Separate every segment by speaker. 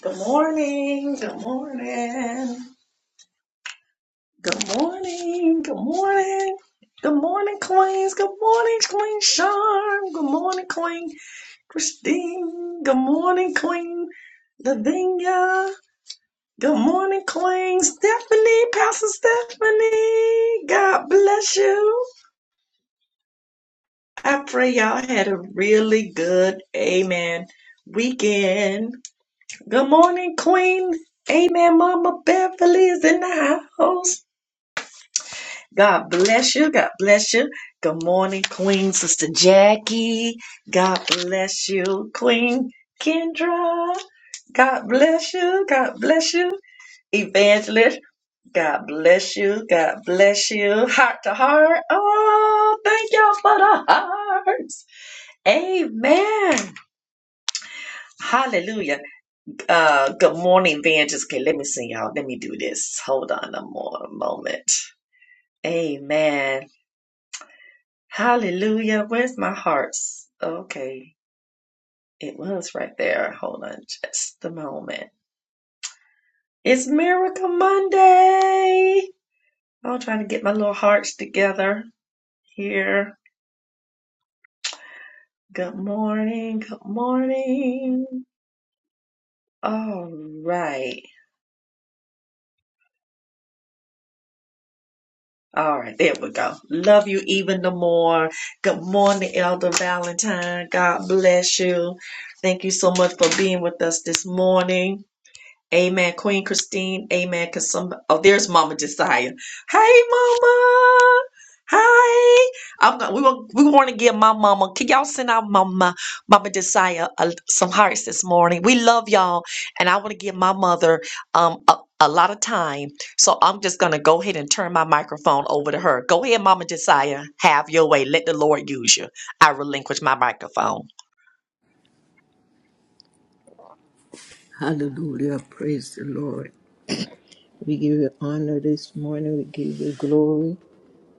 Speaker 1: Good morning. Good morning. Good morning. Good morning. Good morning, Queens. Good morning, Queen Charm. Good morning, Queen Christine. Good morning, Queen Lavinia. Good morning, Queen Stephanie, Pastor Stephanie. God bless you. I pray y'all had a really good amen weekend. Good morning, Queen. Amen, Mama Beverly is in the house. God bless you. God bless you. Good morning, Queen Sister Jackie. God bless you, Queen Kendra. God bless you. God bless you, Evangelist. God bless you. God bless you. Heart to heart. Oh, thank y'all for the hearts. Amen. Hallelujah. Uh, good morning, Evangelist. Okay, let me see y'all. Let me do this. Hold on a more moment. Amen. Hallelujah. Where's my hearts? Okay. It was right there. Hold on just a moment. It's Miracle Monday. I'm trying to get my little hearts together here. Good morning. Good morning. All right. All right. There we go. Love you even the more. Good morning, Elder Valentine. God bless you. Thank you so much for being with us this morning. Amen, Queen Christine. Amen. Cause some oh, there's Mama Josiah. Hey, Mama. Hi. I'm gonna, we want we want to give my mama. Can y'all send out mama, Mama Josiah uh, some hearts this morning? We love y'all, and I want to give my mother um a, a lot of time. So I'm just gonna go ahead and turn my microphone over to her. Go ahead, Mama Josiah. Have your way. Let the Lord use you. I relinquish my microphone.
Speaker 2: Hallelujah. Praise the Lord. We give you honor this morning. We give you glory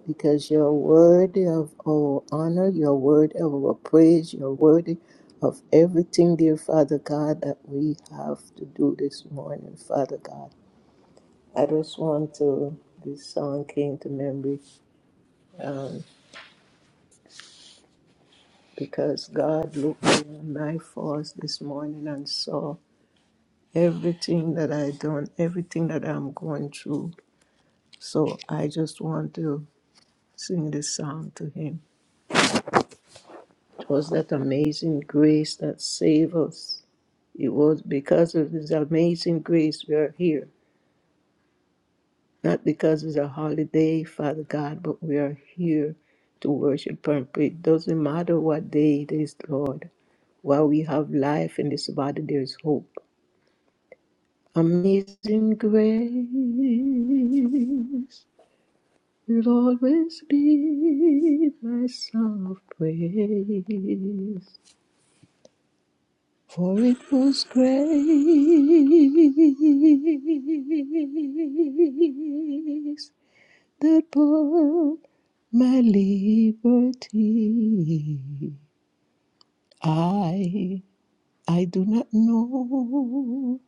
Speaker 2: because you're worthy of our honor. You're worthy of our praise. You're worthy of everything, dear Father God, that we have to do this morning, Father God. I just want to, this song came to memory um, because God looked beyond my faults this morning and saw everything that I done, everything that I'm going through. So I just want to Sing this song to him. It was that amazing grace that saved us. It was because of this amazing grace we are here. Not because it's a holiday, Father God, but we are here to worship and pray. It doesn't matter what day it is, Lord. While we have life in this body, there is hope. Amazing grace will always be my song of praise. for it was grace that bought my liberty. I, I do not know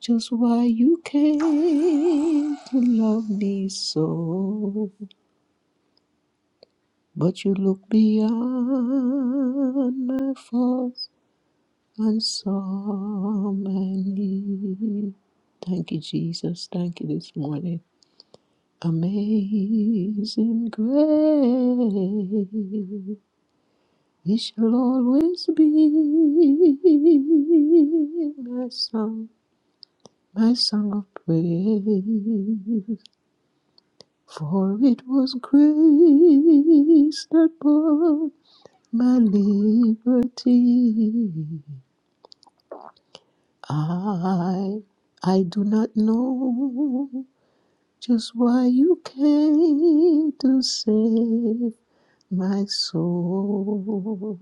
Speaker 2: just why you came to love me so, but you look beyond my faults and so many, Thank you, Jesus. Thank you this morning. Amazing grace, it shall always be my song, my song of praise. For it was grace that bought my liberty. I I do not know Just why you came to save my soul.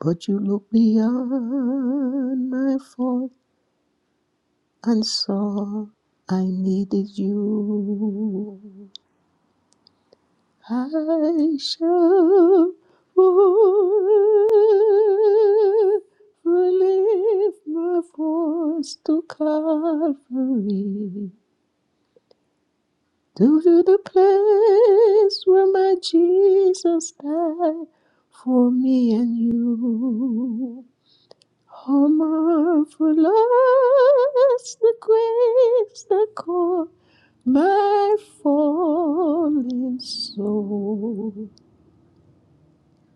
Speaker 2: But you looked beyond my fault and saw I needed you. I shall forever lift my voice to Calvary to the place where my Jesus died for me and you. How marvelous the grace that caught my fallen soul.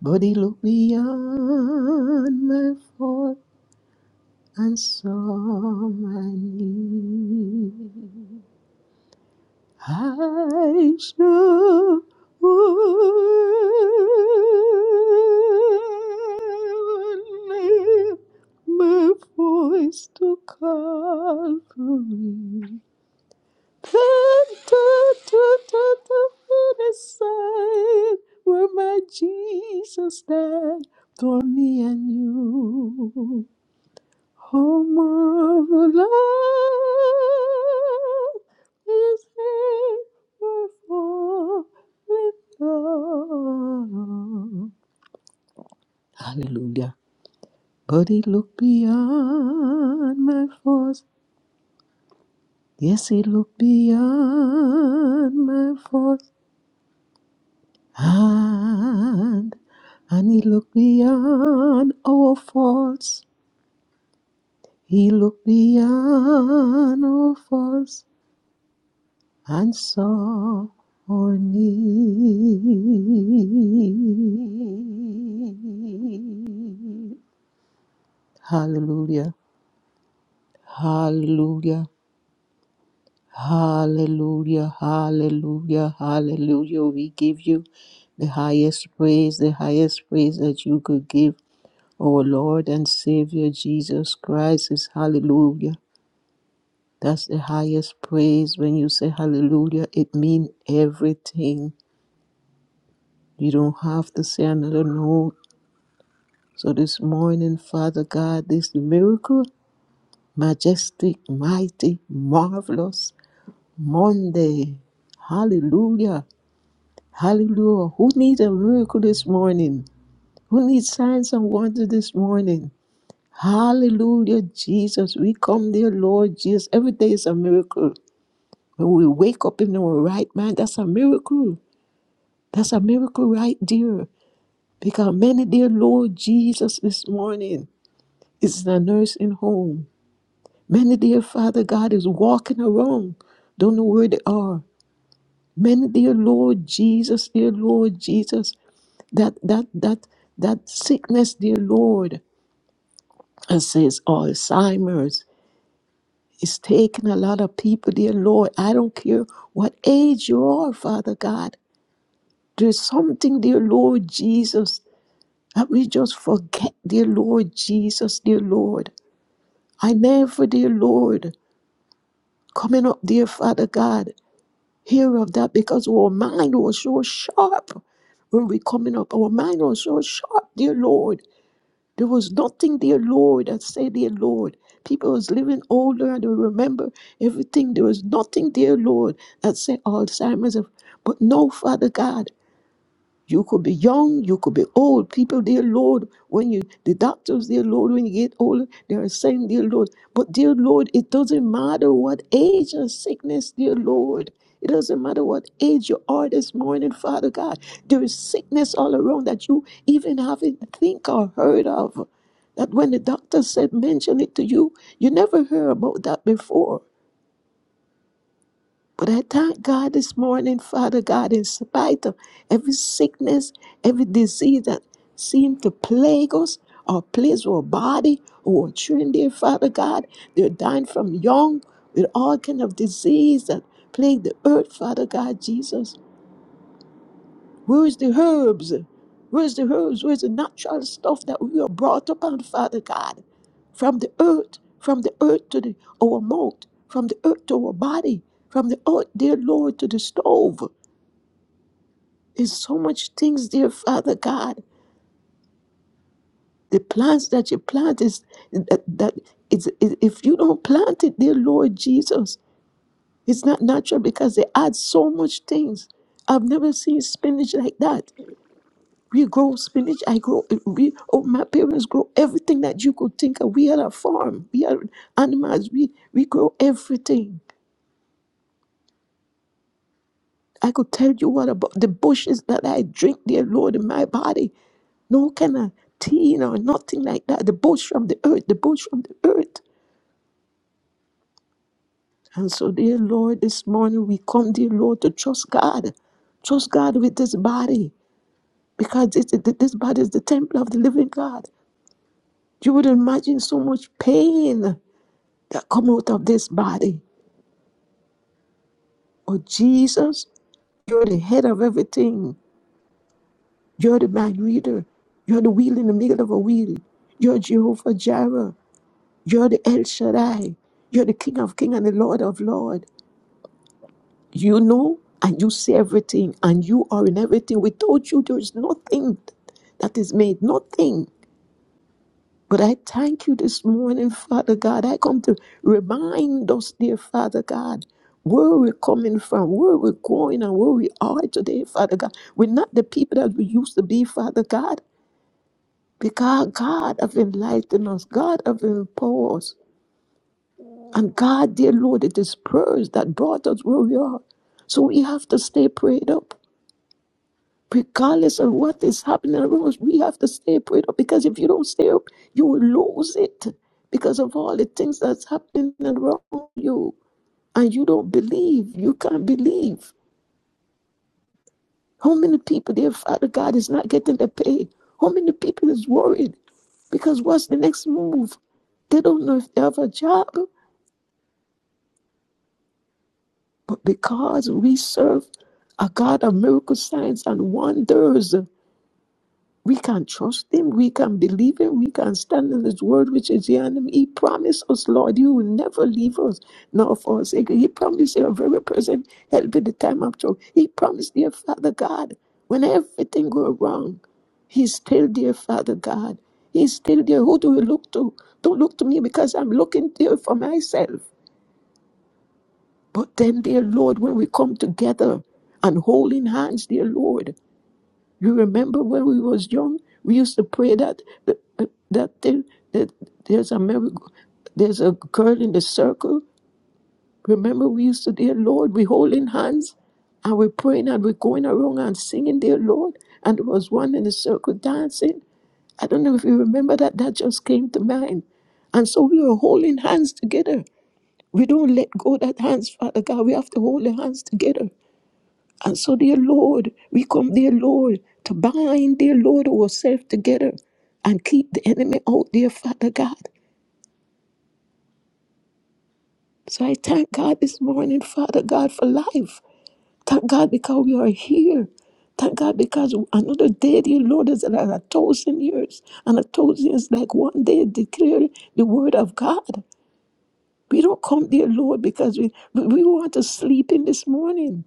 Speaker 2: But he looked beyond my fault and saw my need. I shall lift my voice to call for me. da, da, da, what a sight where my Jesus died for me and you. Home of love is ever falling down. Hallelujah. But he looked beyond my faults. Yes, he looked beyond my faults. And, and he looked beyond our faults. He looked beyond our faults and saw our need. Hallelujah, hallelujah, hallelujah, hallelujah, hallelujah. We give you the highest praise, the highest praise that you could give our Lord and Savior Jesus Christ is hallelujah. That's the highest praise. When you say hallelujah, it means everything. You don't have to say another note. So this morning, Father God, this miracle, majestic, mighty, marvelous Monday. Hallelujah. Hallelujah. Who needs a miracle this morning? Who needs signs and wonders this morning? Hallelujah, Jesus. We come there, Lord Jesus. Every day is a miracle. When we wake up in our right mind, that's a miracle. That's a miracle right there. Because many, dear Lord Jesus, this morning. Is in a nursing home. Many, dear Father God, is walking around, don't know where they are. Many, dear Lord Jesus, dear Lord Jesus, that that that that sickness, dear Lord, I says Alzheimer's is taking a lot of people, dear Lord. I don't care what age you are, Father God. There's something, dear Lord Jesus, that we just forget, dear Lord Jesus, dear Lord. I never, dear Lord, coming up, dear Father God. hear of that because our mind was so sharp when we coming up. Our mind was so sharp, dear Lord. There was nothing, dear Lord, that said, dear Lord. People was living older and they remember everything. There was nothing, dear Lord, that said Alzheimer's. But no, Father God. You could be young, you could be old. People, dear Lord, when you, the doctors, dear Lord, when you get older, they are saying, dear Lord. But, dear Lord, it doesn't matter what age of sickness, dear Lord. It doesn't matter what age you are this morning, Father God. There is sickness all around that you even haven't think or heard of. That when the doctor said mention it to you, you never heard about that before. But I thank God this morning, Father God, in spite of every sickness, every disease that seemed to plague us, our place, our body, our children, dear Father God, they're dying from young with all kind of disease that plague the earth, Father God, Jesus. Where's the herbs? Where's the herbs? Where's the natural stuff that we are brought up on, Father God? From the earth, from the earth to the, our mouth, from the earth to our body, from the earth, dear Lord, to the stove. There's so much things, dear Father God. The plants that you plant is that, that it's, it, if you don't plant it, dear Lord Jesus, it's not natural because they add so much things. I've never seen spinach like that. We grow spinach. I grow. We, oh, my parents grow everything that you could think of. We had a farm. We had animals. We we grow everything. I could tell you what about the bushes that I drink, dear Lord, in my body. No kind of tea or nothing like that. The bush from the earth. The bush from the earth. And so, dear Lord, this morning we come, dear Lord, to trust God. Trust God with this body because this this body is the temple of the living God. You would imagine so much pain that come out of this body. Oh, Jesus, you're the head of everything. You're the mind reader. You're the wheel in the middle of a wheel. You're Jehovah Jireh. You're the El Shaddai. You're the King of King and the Lord of Lord. You know and you see everything and you are in everything. Without you, there is nothing that is made. Nothing. But I thank you this morning, Father God. I come to remind us, dear Father God, where we're coming from, where we're going, and where we are today, Father God. We're not the people that we used to be, Father God, because God have enlightened us, God have empowered us. And God, dear Lord, it is prayers that brought us where we are. So we have to stay prayed up. regardless of what is happening around us, we have to stay prayed up because if you don't stay up, you will lose it because of all the things that's happening around you and you don't believe. You can't believe. How many people their Father God is not getting the pay? How many people is worried? Because what's the next move? They don't know if they have a job. But because we serve a God of miracle signs and wonders, We can trust Him. We can believe Him. We can stand in His word, which is the enemy. He promised us, Lord, you will never leave us, nor forsake us. He promised your very present help in the time of trouble. He promised, dear Father God, when everything goes wrong, He's still dear Father God. He's still there. Who do we look to? Don't look to me because I'm looking there for myself. But then, dear Lord, when we come together and holding hands, dear Lord. You remember when we was young, we used to pray that that, that thing that there's a miracle, there's a girl in the circle. Remember, we used to, dear Lord, we holding hands and we're praying and we're going around and singing, dear Lord. And there was one in the circle dancing. I don't know if you remember that. That just came to mind. And so we were holding hands together. We don't let go that hands, Father God. We have to hold the hands together. And so, dear Lord, we come, dear Lord, to bind, dear Lord, ourselves together and keep the enemy out, dear Father God. So I thank God this morning, Father God, for life. Thank God because we are here. Thank God because another day, dear Lord, is like a thousand years. And a thousand is like one day declare the word of God. We don't come, dear Lord, because we, we we want to sleep in this morning.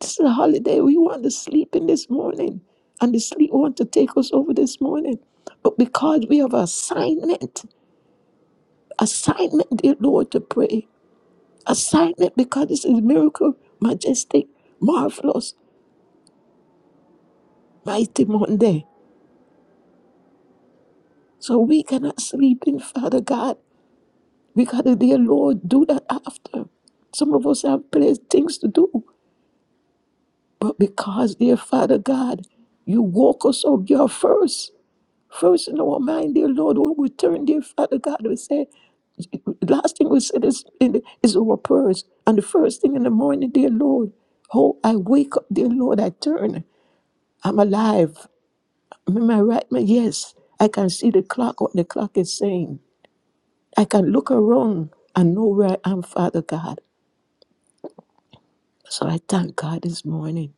Speaker 2: This is a holiday. We want to sleep in this morning. And the sleep want to take us over this morning. But because we have assignment, assignment, dear Lord, to pray. Assignment because this is miracle, majestic, marvelous, mighty Monday. So we cannot sleep in, Father God. We gotta, dear Lord, do that after. Some of us have plenty things to do. But because, dear Father God, you woke us up, your first, first in our mind, dear Lord, when we turn, dear Father God, we say, last thing we said is, is our prayers. And the first thing in the morning, dear Lord, oh, I wake up, dear Lord, I turn, I'm alive. I'm in my right mind, yes. I can see the clock, what the clock is saying. I can look around and know where I am, Father God. So I thank God this morning.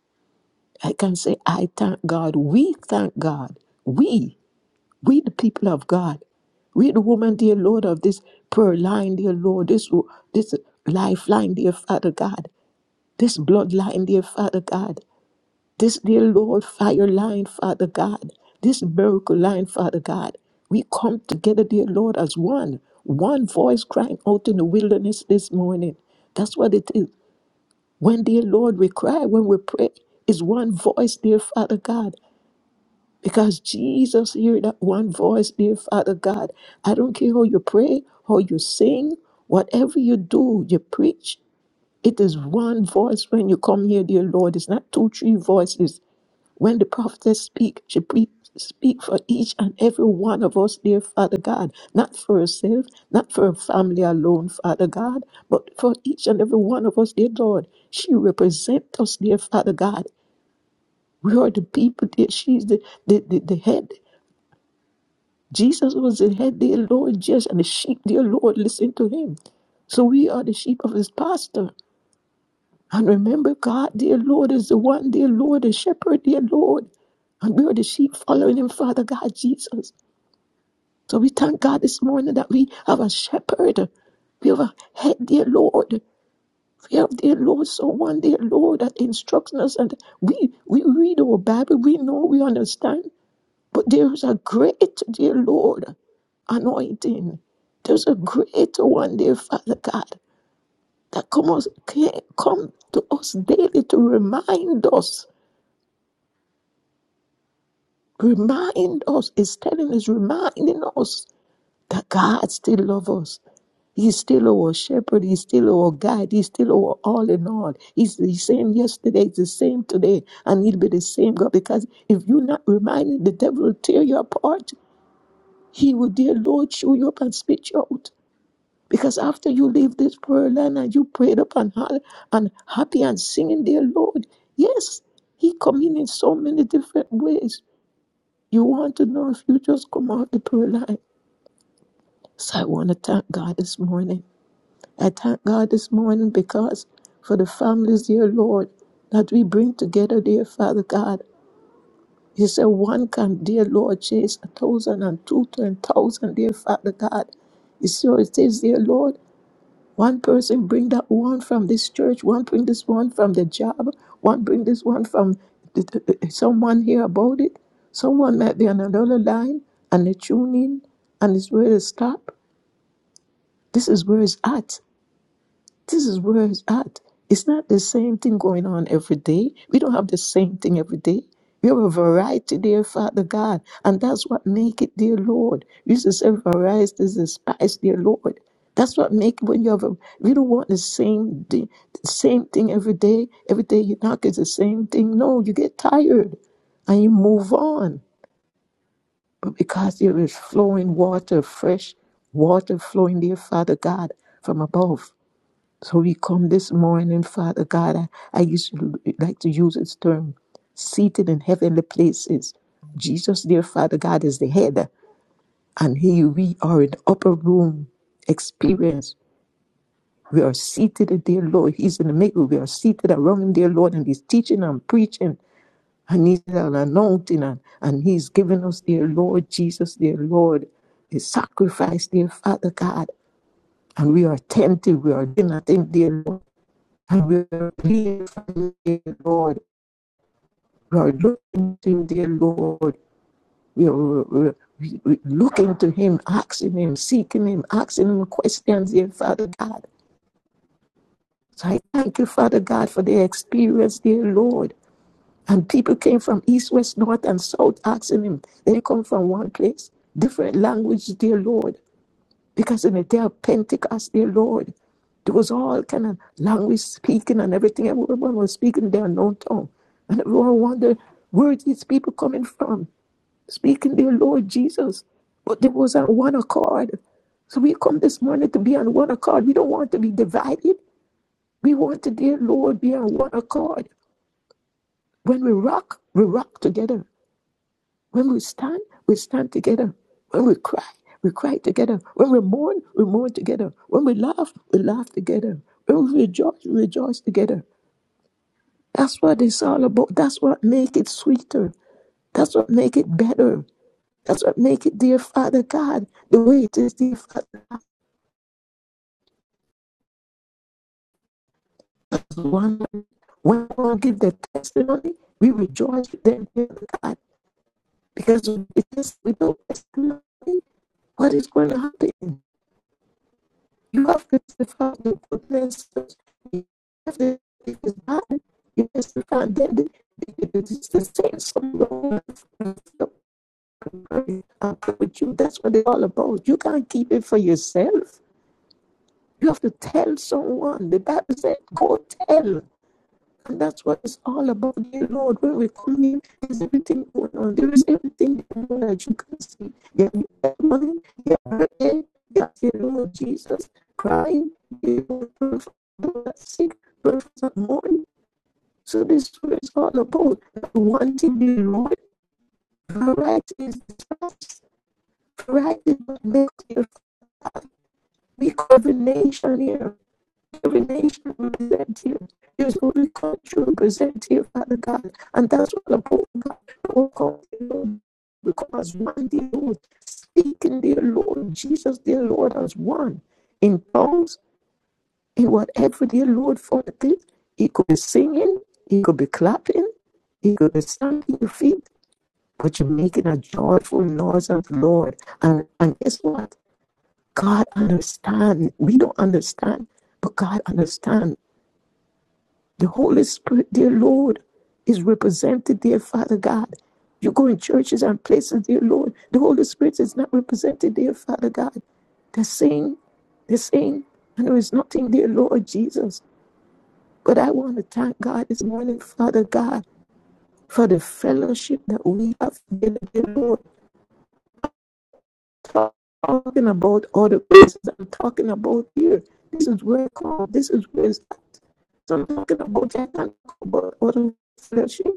Speaker 2: I can say, I thank God. We thank God. We, we the people of God. We the woman, dear Lord, of this prayer line, dear Lord, this, this lifeline, dear Father God, this bloodline, dear Father God, this, dear Lord, fire line, Father God, this miracle line, Father God. We come together, dear Lord, as one, one voice crying out in the wilderness this morning. That's what it is. When, dear Lord, we cry, when we pray, is one voice, dear Father God. Because Jesus hear that one voice, dear Father God. I don't care how you pray, how you sing, whatever you do, you preach. It is one voice when you come here, dear Lord. It's not two, three voices. When the prophets speak, she pre- speak for each and every one of us, dear Father God, not for herself, not for her family alone, Father God, but for each and every one of us, dear Lord. She represents us, dear Father God. We are the people, dear. She's the, the, the, the head. Jesus was the head, dear Lord, judge, and the sheep, dear Lord, listen to him. So we are the sheep of his pastor. And remember, God, dear Lord, is the one, dear Lord, the shepherd, dear Lord. And we are the sheep following him, Father God, Jesus. So we thank God this morning that we have a shepherd. We have a head, dear Lord. We have, dear Lord, someone, dear Lord, that instructs us. And we, we read our Bible. We know, we understand. But there's a greater, dear Lord, anointing. There's a greater one, dear Father God, that come, us, can come to us daily to remind us, remind us, It's telling us, reminding us that God still loves us. He's still our shepherd. He's still our guide. He's still our all in all. He's the same yesterday. He's the same today. And he'll be the same God. Because if you're not reminded, the devil will tear you apart. He will, dear Lord, show you up and spit you out. Because after you leave this prayer line and you prayed up and, ha- and happy and singing, dear Lord, yes, He come in in so many different ways. You want to know if you just come out the prayer line. So I want to thank God this morning. I thank God this morning because for the families, dear Lord, that we bring together, dear Father God. You said one can, dear Lord, chase a thousand and two, ten thousand, dear Father God. You so it says, dear Lord, one person bring that one from this church, one bring this one from the job, one bring this one from th- th- th- someone hear about it. Someone might be on another line and they tune in and it's where they stop. This is where it's at. This is where it's at. It's not the same thing going on every day. We don't have the same thing every day. We have a variety, dear Father God, and that's what make it, dear Lord. You used to say variety is the spice, dear Lord. That's what make when you have a. We don't want the same di- the same thing every day. Every day you knock is the same thing. No, you get tired, and you move on. But because there is flowing water, fresh water flowing, dear Father God, from above. So we come this morning, Father God. I, I used to like to use this term, seated in heavenly places. Jesus, dear Father God, is the head, and here we are in the upper room experience. We are seated, dear Lord. He's in the middle. We are seated around him, dear Lord, and he's teaching and preaching, and he's anointing, and, and he's giving us, dear Lord, Jesus, dear Lord, the sacrifice, dear Father God. And we are attentive, we are doing nothing, dear Lord. And we are praying for you, Lord. We are looking to him, dear Lord. We are, we are looking to him, asking him, seeking him, asking him questions, dear Father God. So I thank you, Father God, for the experience, dear Lord. And people came from east, west, north, and south asking him. They come from one place, different language, dear Lord. Because in the day of Pentecost, dear Lord, there was all kind of language speaking and everything. Everyone was speaking their known tongue. And everyone wondered where are these people coming from, speaking their Lord Jesus. But there was on one accord. So we come this morning to be on one accord. We don't want to be divided. We want to, dear Lord, be on one accord. When we rock, we rock together. When we stand, we stand together. When we cry, we cry together. When we mourn, we mourn together. When we laugh, we laugh together. When we rejoice, we rejoice together. That's what it's all about. That's what makes it sweeter. That's what makes it better. That's what makes it, dear Father God, the way it is, dear Father God, is one. When one give their testimony, we rejoice with them, dear God, because it is without testimony, what is going to happen? You have crucified the goodness. You have the it is bad. You have crucified them. They- they- It's the same song. the with you. That's what it's all about. You can't keep it for yourself. You have to tell someone. The Bible said, go tell. And that's what it's all about. Dear Lord, when we come in, there's everything going on. There is everything going on that you can see. You're money, you're hurting, you're dear Lord Jesus, crying, dear Lord, pray sick, pray mourning. So this is what it's all about. Wanting the Lord, variety is the price. Variety is what makes you. We cover nation here. every nation represent here. Use every culture represent here, Father God. And that's what the Pope God will call the Lord. Because one dear Lord, speaking dear Lord, Jesus dear Lord as one. In tongues, in whatever dear Lord for the thing. He could be singing, he could be clapping, he could be stamping your feet, but you're making a joyful noise of the Lord. And, and guess what? God understands. We don't understand, but God understands The Holy Spirit, dear Lord, is represented, dear Father God. You go in churches and places, dear Lord. The Holy Spirit is not represented, dear Father God. They're saying, they're saying, I know nothing, dear Lord Jesus, but I want to thank God this morning, Father God, for the fellowship that we have, dear, dear Lord. Talking about all the places I'm talking about here. This is where I come. This is where I'm talking about. I can't talk about other fellowship.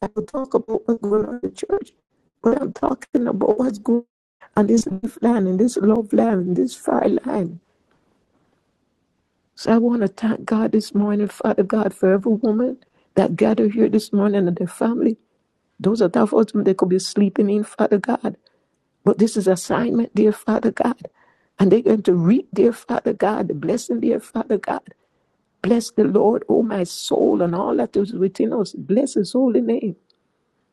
Speaker 2: I will talk about what's going on in the church. But I'm talking about what's going on in this life line and this love line and this fire line. So I want to thank God this morning, Father God, for every woman that gathered here this morning and their family. Those are have husbands, they could be sleeping in, Father God. But this is assignment, dear Father God. And they're going to reap, dear Father God, the blessing, dear Father God. Bless the Lord, O my soul, and all that is within us. Bless his holy name.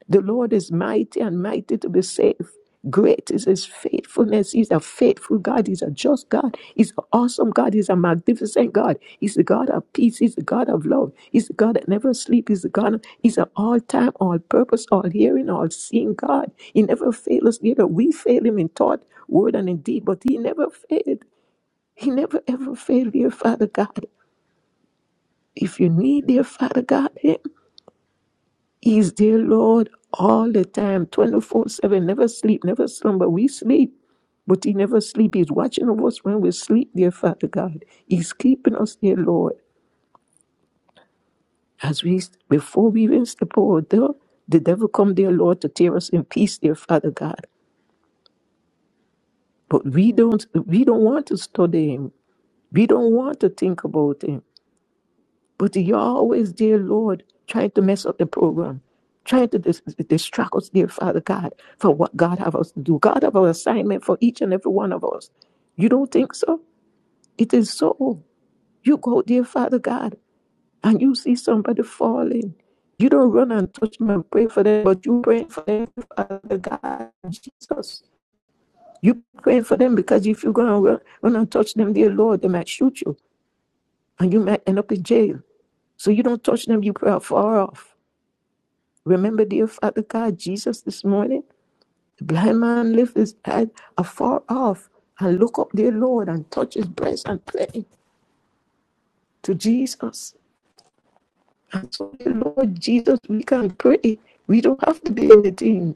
Speaker 2: The Lord is mighty and mighty to be saved. Great is his faithfulness. He's a faithful God. He's a just God. He's an awesome God. He's a magnificent God. He's the God of peace. He's the God of love. He's the God that never sleeps. He's the God. He's an all-time, all-purpose, all-hearing, all-seeing God. He never fails us. Neither we fail him in thought, word, and in deed, but he never failed. He never ever failed, dear Father God. If you need, dear Father God, him. He's there, Lord, all the time, 24 7, never sleep, never slumber. We sleep, but He never sleep. He's watching over us when we sleep, dear Father God. He's keeping us, dear Lord. As we, before we even step over there, the devil come, dear Lord, to tear us in peace, dear Father God. But we don't, we don't want to study Him. We don't want to think about Him. But you're always, dear Lord, trying to mess up the program, trying to dis- distract us, dear Father God, for what God have us to do. God have our assignment for each and every one of us. You don't think so? It is so. You go, dear Father God, and you see somebody falling. You don't run and touch them and pray for them, but you pray for them, Father God, Jesus. You pray for them because if you go and run, run and touch them, dear Lord, they might shoot you and you might end up in jail. So you don't touch them, you pray far off. Remember, dear Father God, Jesus this morning, the blind man lift his head afar off and look up, dear Lord, and touch his breast and pray to Jesus. And so, dear Lord Jesus, we can pray. We don't have to be in the team.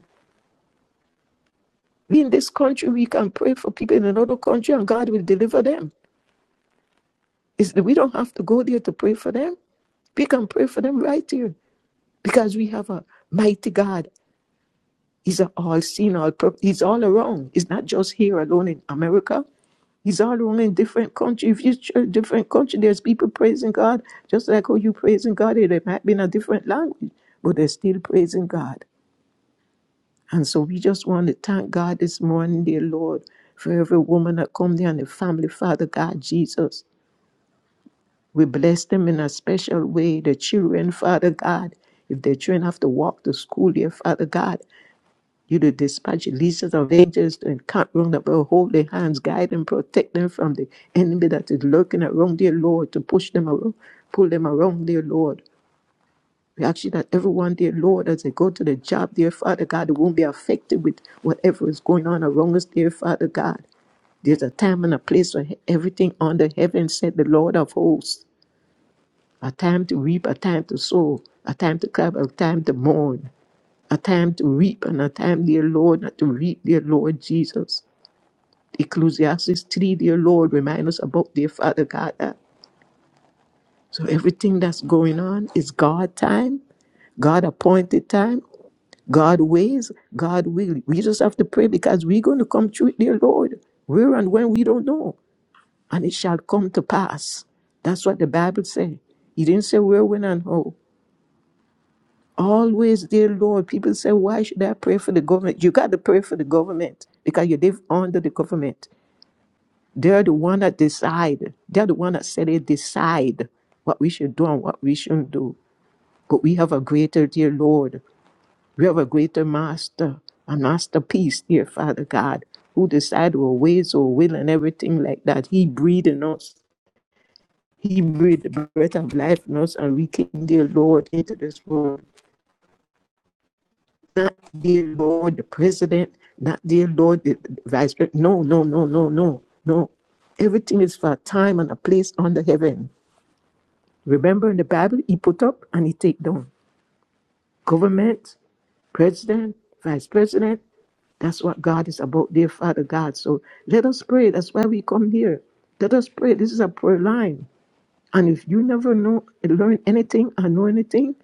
Speaker 2: We in this country, we can pray for people in another country and God will deliver them. It's, we don't have to go there to pray for them. We can pray for them right here because we have a mighty God. He's all seen. all-purpose. He's all around. He's not just here alone in America. He's all around in different country. If you church different country, there's people praising God just like how you praising God. It might be in a different language, but they're still praising God. And so we just want to thank God this morning, dear Lord, for every woman that come there and the family, Father God, Jesus. We bless them in a special way. The children, Father God, if their children have to walk to school, dear Father God, You to dispatch legions of angels to encamp round about, hold their hands, guide and protect them from the enemy that is lurking around, dear Lord, to push them around, pull them around, dear Lord. We ask you that everyone, dear Lord, as they go to the job, dear Father God, they won't be affected with whatever is going on around us, dear Father God. There's a time and a place for everything under heaven, said the Lord of hosts. A time to reap, a time to sow, a time to cry, a time to mourn a time to reap and a time, dear Lord, not to reap, dear Lord Jesus. Ecclesiastes 3, dear Lord, remind us about dear Father God. that- So everything that's going on is God time, God appointed time, God ways, God will. We just have to pray because we're going to come through it, dear Lord. Where and when we don't know. And it shall come to pass. That's what the Bible said. He didn't say where, when, and how. Always, dear Lord, people say, Why should I pray for the government? You got to pray for the government because you live under the government. They're the one that decide. They're the one that said they decide what we should do and what we shouldn't do. But we have a greater, dear Lord. We have a greater master, a masterpiece, dear Father God, who decide our ways, our will, and everything like that. He breathed in us. He breathed the breath of life in us, and we came, dear Lord, into this world. Not dear Lord, the president, not dear Lord, the the vice president. No, no, no, no, no, no. Everything is for a time and a place under heaven. Remember in the Bible, he put up and he take down. Government, president, vice president, that's what God is about, dear Father God. So let us pray. That's why we come here. Let us pray. This is a prayer line. And if you never know, learn anything or know anything,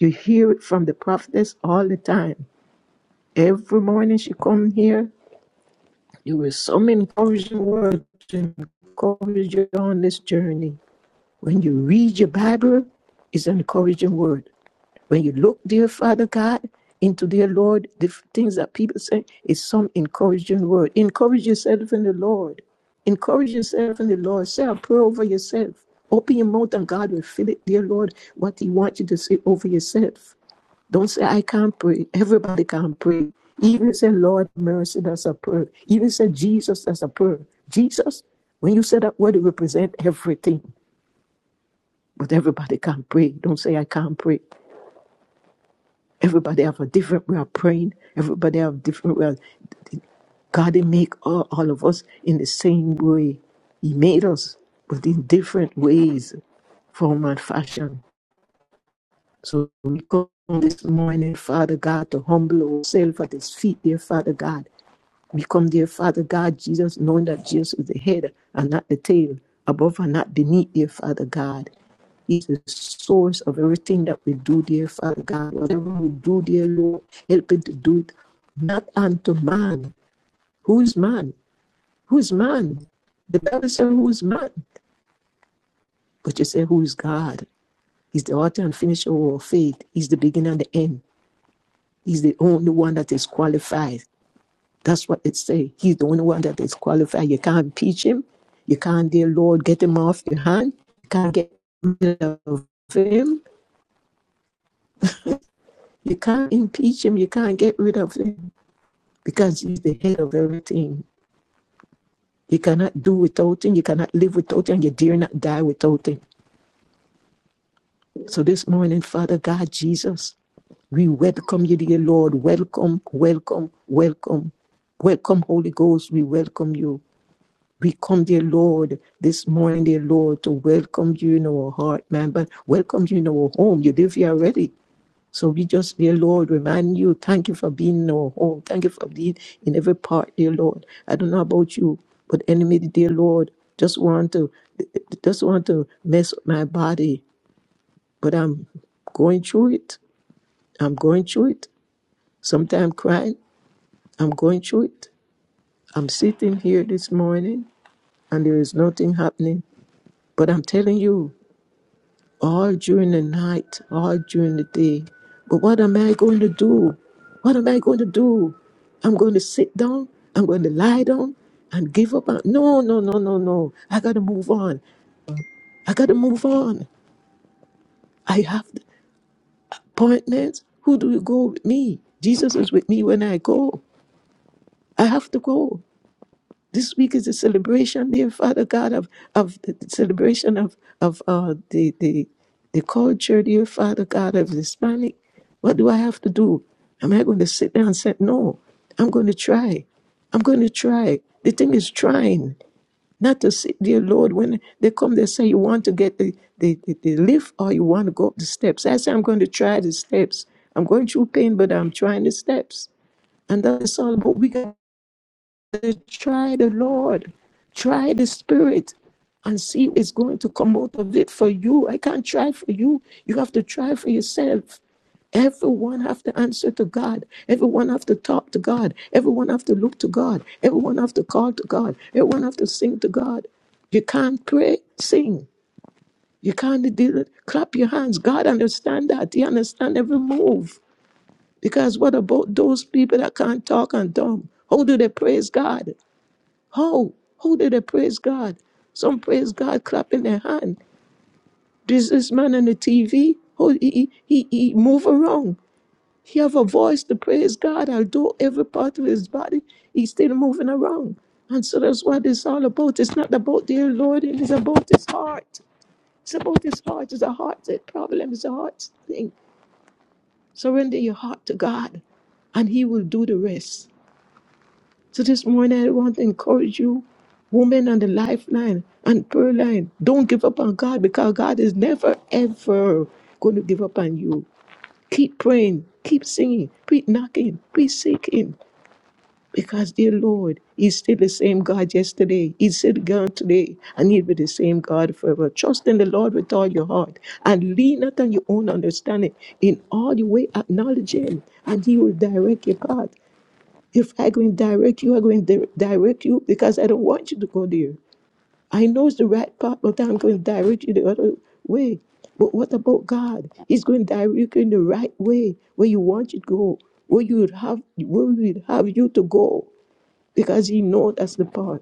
Speaker 2: you hear it from the prophetess all the time. Every morning she come here. There were some encouraging words to encourage you on this journey. When you read your Bible, it's an encouraging word. When you look, dear Father God, into dear Lord, the f- things that people say, it's some encouraging word. Encourage yourself in the Lord. Encourage yourself in the Lord. Say a prayer over yourself. Open your mouth and God will fill it, dear Lord, what He wants you to say over yourself. Don't say, I can't pray. Everybody can pray. Even say, Lord, mercy, that's a prayer. Even say, Jesus, that's a prayer. Jesus, when you say that word, it represents everything. But everybody can pray. Don't say, I can't pray. Everybody have a different way of praying. Everybody have different way. of- God didn't make all, all of us in the same way. He made us, but in different ways form and fashion. So we come this morning, Father God, to humble ourselves at His feet, dear Father God. Become their Father God, Jesus, knowing that Jesus is the head and not the tail, above and not beneath, dear Father God. He's the source of everything that we do, dear Father God. Whatever we do, dear Lord, help it to do it not unto man. Who is man? Who is man? The Bible says, Who is man? But you say, Who is God? He's the author and finisher of our faith. He's the beginning and the end. He's the only one that is qualified. That's what it say. He's the only one that is qualified. You can't impeach him. You can't, dear Lord, get him off your hand. You can't get rid of him. You can't impeach him. You can't get rid of him because he's the head of everything. You cannot do without him. You cannot live without him. You dare not die without him. So this morning, Father God, Jesus, we welcome you, dear Lord. Welcome, welcome, welcome. Welcome, Holy Ghost. We welcome you. We come, dear Lord, this morning, dear Lord, to welcome you in our heart, man, but welcome you in our home. You live here already. So we just, dear Lord, remind you, thank you for being in our home. Thank you for being in every part, dear Lord. I don't know about you, but enemy, dear Lord, just want to just want to mess up my body. But I'm going through it. I'm going through it. Sometimes crying. I'm going through it. I'm sitting here this morning and there is nothing happening. But I'm telling you. all during the night, all during the day. But what am I going to do? What am I going to do? I'm going to sit down, I'm going to lie down and give up. on- No, no, no, no, no. I got to move on. I got to move on. I have appointments. Who do you go with me? Jesus is with me when I go. I have to go. This week is a celebration, dear Father God, of, of the celebration of, of uh, the, the, the culture, dear Father God, of Hispanic. What do I have to do? Am I going to sit there and say, no, I'm going to try. I'm going to try. The thing is trying, not to sit dear Lord. When they come, they say, you want to get the, the, the, the lift or you want to go up the steps. I say, I'm going to try the steps. I'm going through pain, but I'm trying the steps. And that's all. But we got says, Try the Lord, try the Spirit, and see what's going to come out of it for you. I can't try for you. You have to try for yourself. Everyone have to answer to God. Everyone have to talk to God. Everyone have to look to God. Everyone have to call to God. Everyone have to sing to God. You can't pray, sing. You can't do it. Clap your hands. God understand that. He understand every move. Because what about those people that can't talk and dumb? How do they praise God? How? How did they praise God? Some praise God clapping their hand. This this man on the TV, how he, he, he he move around. He have a voice to praise God, although every part of his body, he's still moving around. And so that's what it's all about. It's not about the Lord, it's about his heart. It's about his heart. It's a heart problem. It's a heart thing. Surrender your heart to God, and he will do the rest. So this morning, I want to encourage you, women on the lifeline and prayer line, don't give up on God because God is never, ever going to give up on you. Keep praying, keep singing, keep knocking, keep seeking. Because, dear Lord, He's still the same God yesterday, He's still God today, and He'll be the same God forever. Trust in the Lord with all your heart and lean not on your own understanding. In all your way, acknowledge Him, and He will direct your path. If I go and direct you, I'm going to direct you because I don't want you to go there. I know it's the right path, but I'm going to direct you the other way. But what about God? He's going to direct you in the right way where you want you to go, where you would have where we would have you to go, because He knows that's the path.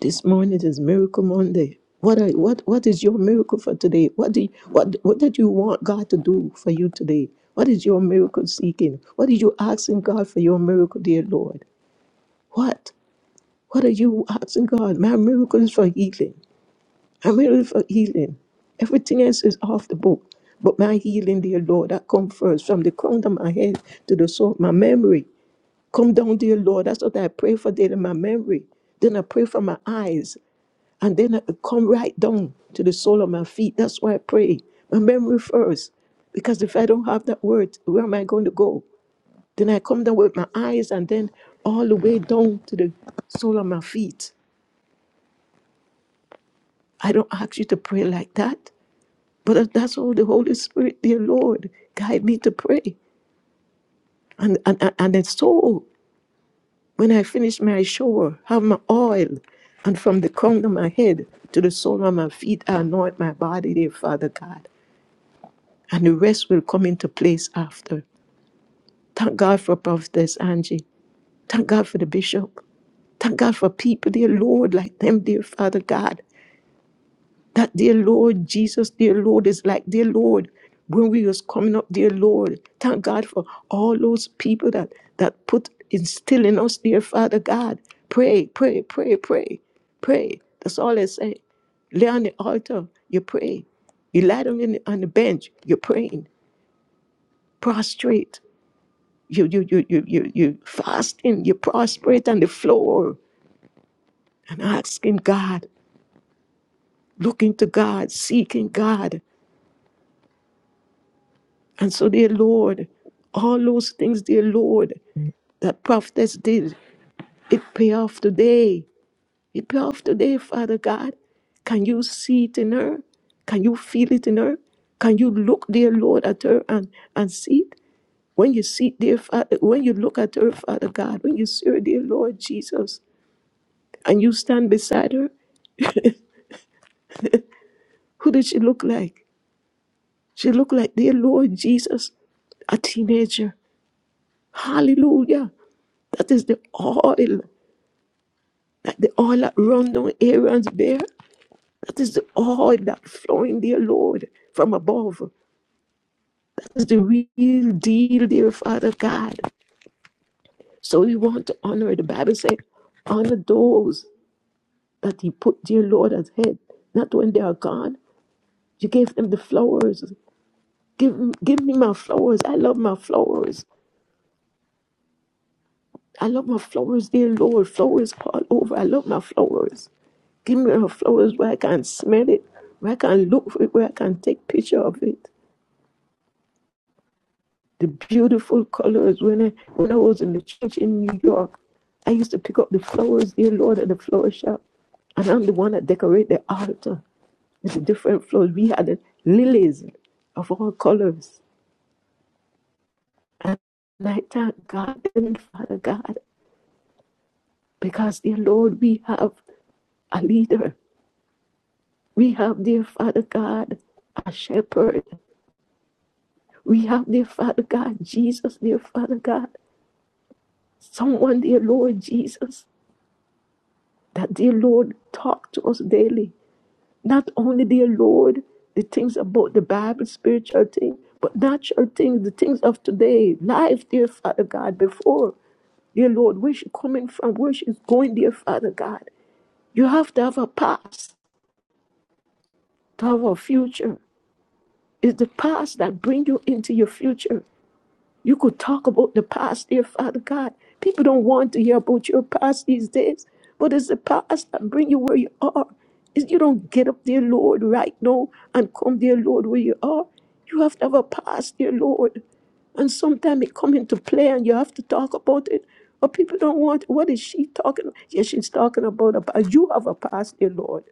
Speaker 2: This morning is Miracle Monday. What are, what what is your miracle for today? What do you, what what did you want God to do for you today? What is your miracle seeking? What are you asking God for your miracle, dear Lord? What? What are you asking God? My miracle is for healing. My miracle is for healing. Everything else is off the book. But my healing, dear Lord, that come first from the crown of my head to the sole of my memory. Come down, dear Lord. That's what I pray for daily, my memory. Then I pray for my eyes. And then I come right down to the sole of my feet. That's why I pray. My memory first. Because if I don't have that word, where am I going to go? Then I come down with my eyes and then all the way down to the sole of my feet. I don't ask you to pray like that. But that's all the Holy Spirit, dear Lord, guide me to pray. And and and and it's so when I finish my shower, have my oil, and from the crown of my head to the sole of my feet, I anoint my body, dear Father God. And the rest will come into place after. Thank God for Prophetess Angie. Thank God for the bishop. Thank God for people, dear Lord, like them, dear Father God. That dear Lord, Jesus, dear Lord, is like, dear Lord, when we was coming up, dear Lord, thank God for all those people that that put instill in us, dear Father God. Pray, pray, pray, pray, pray. That's all I say. Lay on the altar, you pray. You lie down in the, on the bench, you're praying. Prostrate, you you you you you you fasting, you prostrate on the floor and asking God, looking to God, seeking God. And so, dear Lord, all those things, dear Lord, that prophets did, it pay off today. It pay off today, Father God. Can you see it in her? Can you feel it in her? Can you look, dear Lord, at her and, and see it? When you see, it, dear Father, when you look at her, Father God, when you see her, dear Lord Jesus, and you stand beside her, who did she look like? She looked like, dear Lord Jesus, a teenager. Hallelujah. That is the oil. that the oil that run down Aaron's bear, that is the oil that flowing dear Lord, from above. That is the real deal, dear Father God. So we want to honor it. The Bible said, honor those that He put, dear Lord, as head. Not when they are gone. You gave them the flowers. Give, give me my flowers. I love my flowers. I love my flowers, dear Lord. Flowers all over. I love my flowers. Give me her flowers where I can smell it, where I can look for it, where I can take picture of it. the beautiful colors. When I when I was in the church in New York, I used to pick up the flowers, dear Lord, at the flower shop, and I'm the one that decorate the altar with the different flowers. We had lilies of all colors, and I thank God and Father God because, dear Lord, we have a leader. We have, dear Father God, a shepherd. We have, dear Father God, Jesus, dear Father God, someone, dear Lord Jesus, That, dear Lord, talk to us daily. Not only, dear Lord, the things about the Bible, spiritual things, but natural things, the things of today, life, dear Father God, before. Dear Lord, where she coming from, where she's going, dear Father God. You have to have a past to have a future. It's the past that bring you into your future. You could talk about the past, dear Father God. People don't want to hear about your past these days, but it's the past that bring you where you are. If you don't get up, dear Lord, right now and come, dear Lord, where you are, you have to have a past, dear Lord. And sometimes it come into play and you have to talk about it. But people don't want, what is she talking about? Yeah, she's talking about a past. You have a past, dear Lord.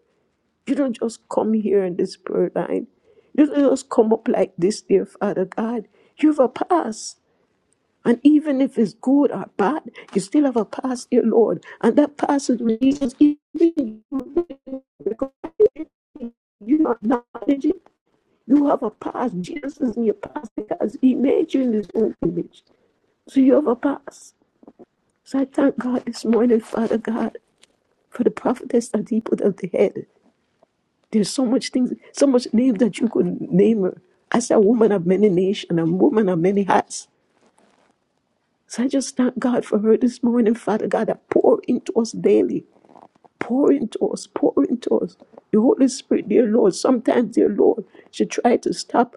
Speaker 2: You don't just come here in this prayer line. You don't just come up like this, dear Father God. You have a past. And even if it's good or bad, you still have a past, dear Lord. And that past is Jesus. Even because you are acknowledging you have a past. Jesus is in your past because he made you in his own image. So you have a past. So I thank God this morning, Father God, for the prophetess that he put at the head. There's so much things, so much name that you could name her. As a woman of many nations, a woman of many hats. So I just thank God for her this morning, Father God, that pour into us daily. Pour into us, pour into us. The Holy Spirit, dear Lord, sometimes, dear Lord, she tried to stop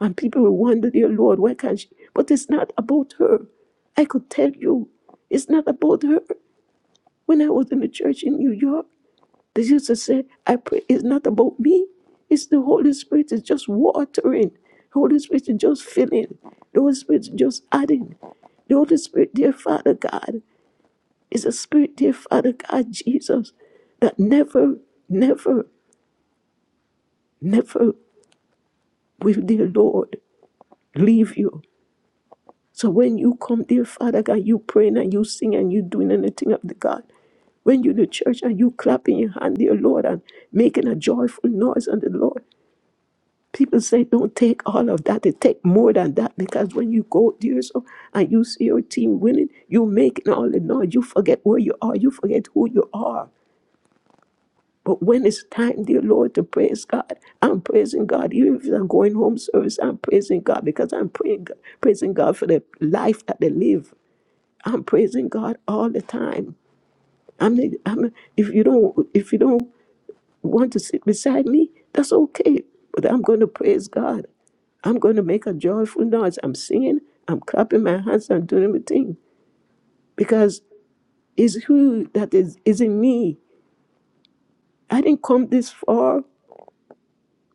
Speaker 2: and people will wonder, dear Lord, why can't she? But it's not about her. I could tell you, it's not about her. When I was in the church in New York, they used to say, I pray it's not about me. It's the Holy Spirit is just watering. Holy Spirit is just filling. The Holy Spirit is just adding. The Holy Spirit, dear Father God. It's a spirit, dear Father God Jesus, that never, never, never will, dear Lord, leave you. So when you come, dear Father God, you praying and you sing and you doing anything of the God. When you the church and you clapping your hand, dear Lord, and making a joyful noise unto the Lord. People say, don't take all of that. They take more than that because when you go, dear so, and you see your team winning, you making all the noise. You forget where you are. You forget who you are. But when it's time, dear Lord, to praise God, I'm praising God. Even if I'm going home service, I'm praising God because I'm praying, praising God for the life that they live. I'm praising God all the time. I'm, the- I'm if you don't if you don't want to sit beside me, that's okay. But I'm going to praise God. I'm going to make a joyful noise. I'm singing. I'm clapping my hands. I'm doing everything because it's who that is is in me. I didn't come this far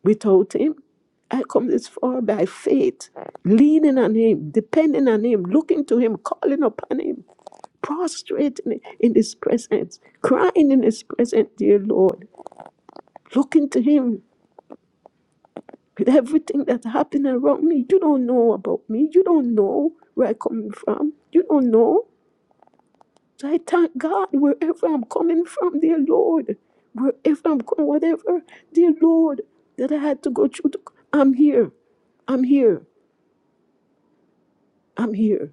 Speaker 2: Without Him, I come this far by faith, leaning on Him, depending on Him, looking to Him, calling upon Him, prostrating in His presence, crying in His presence, dear Lord, looking to Him with everything that's happening around me. You don't know about me. You don't know where I'm coming from. You don't know. So I thank God wherever I'm coming from, dear Lord, wherever I'm going, whatever, dear Lord, that I had to go through. To, I'm here. I'm here. I'm here.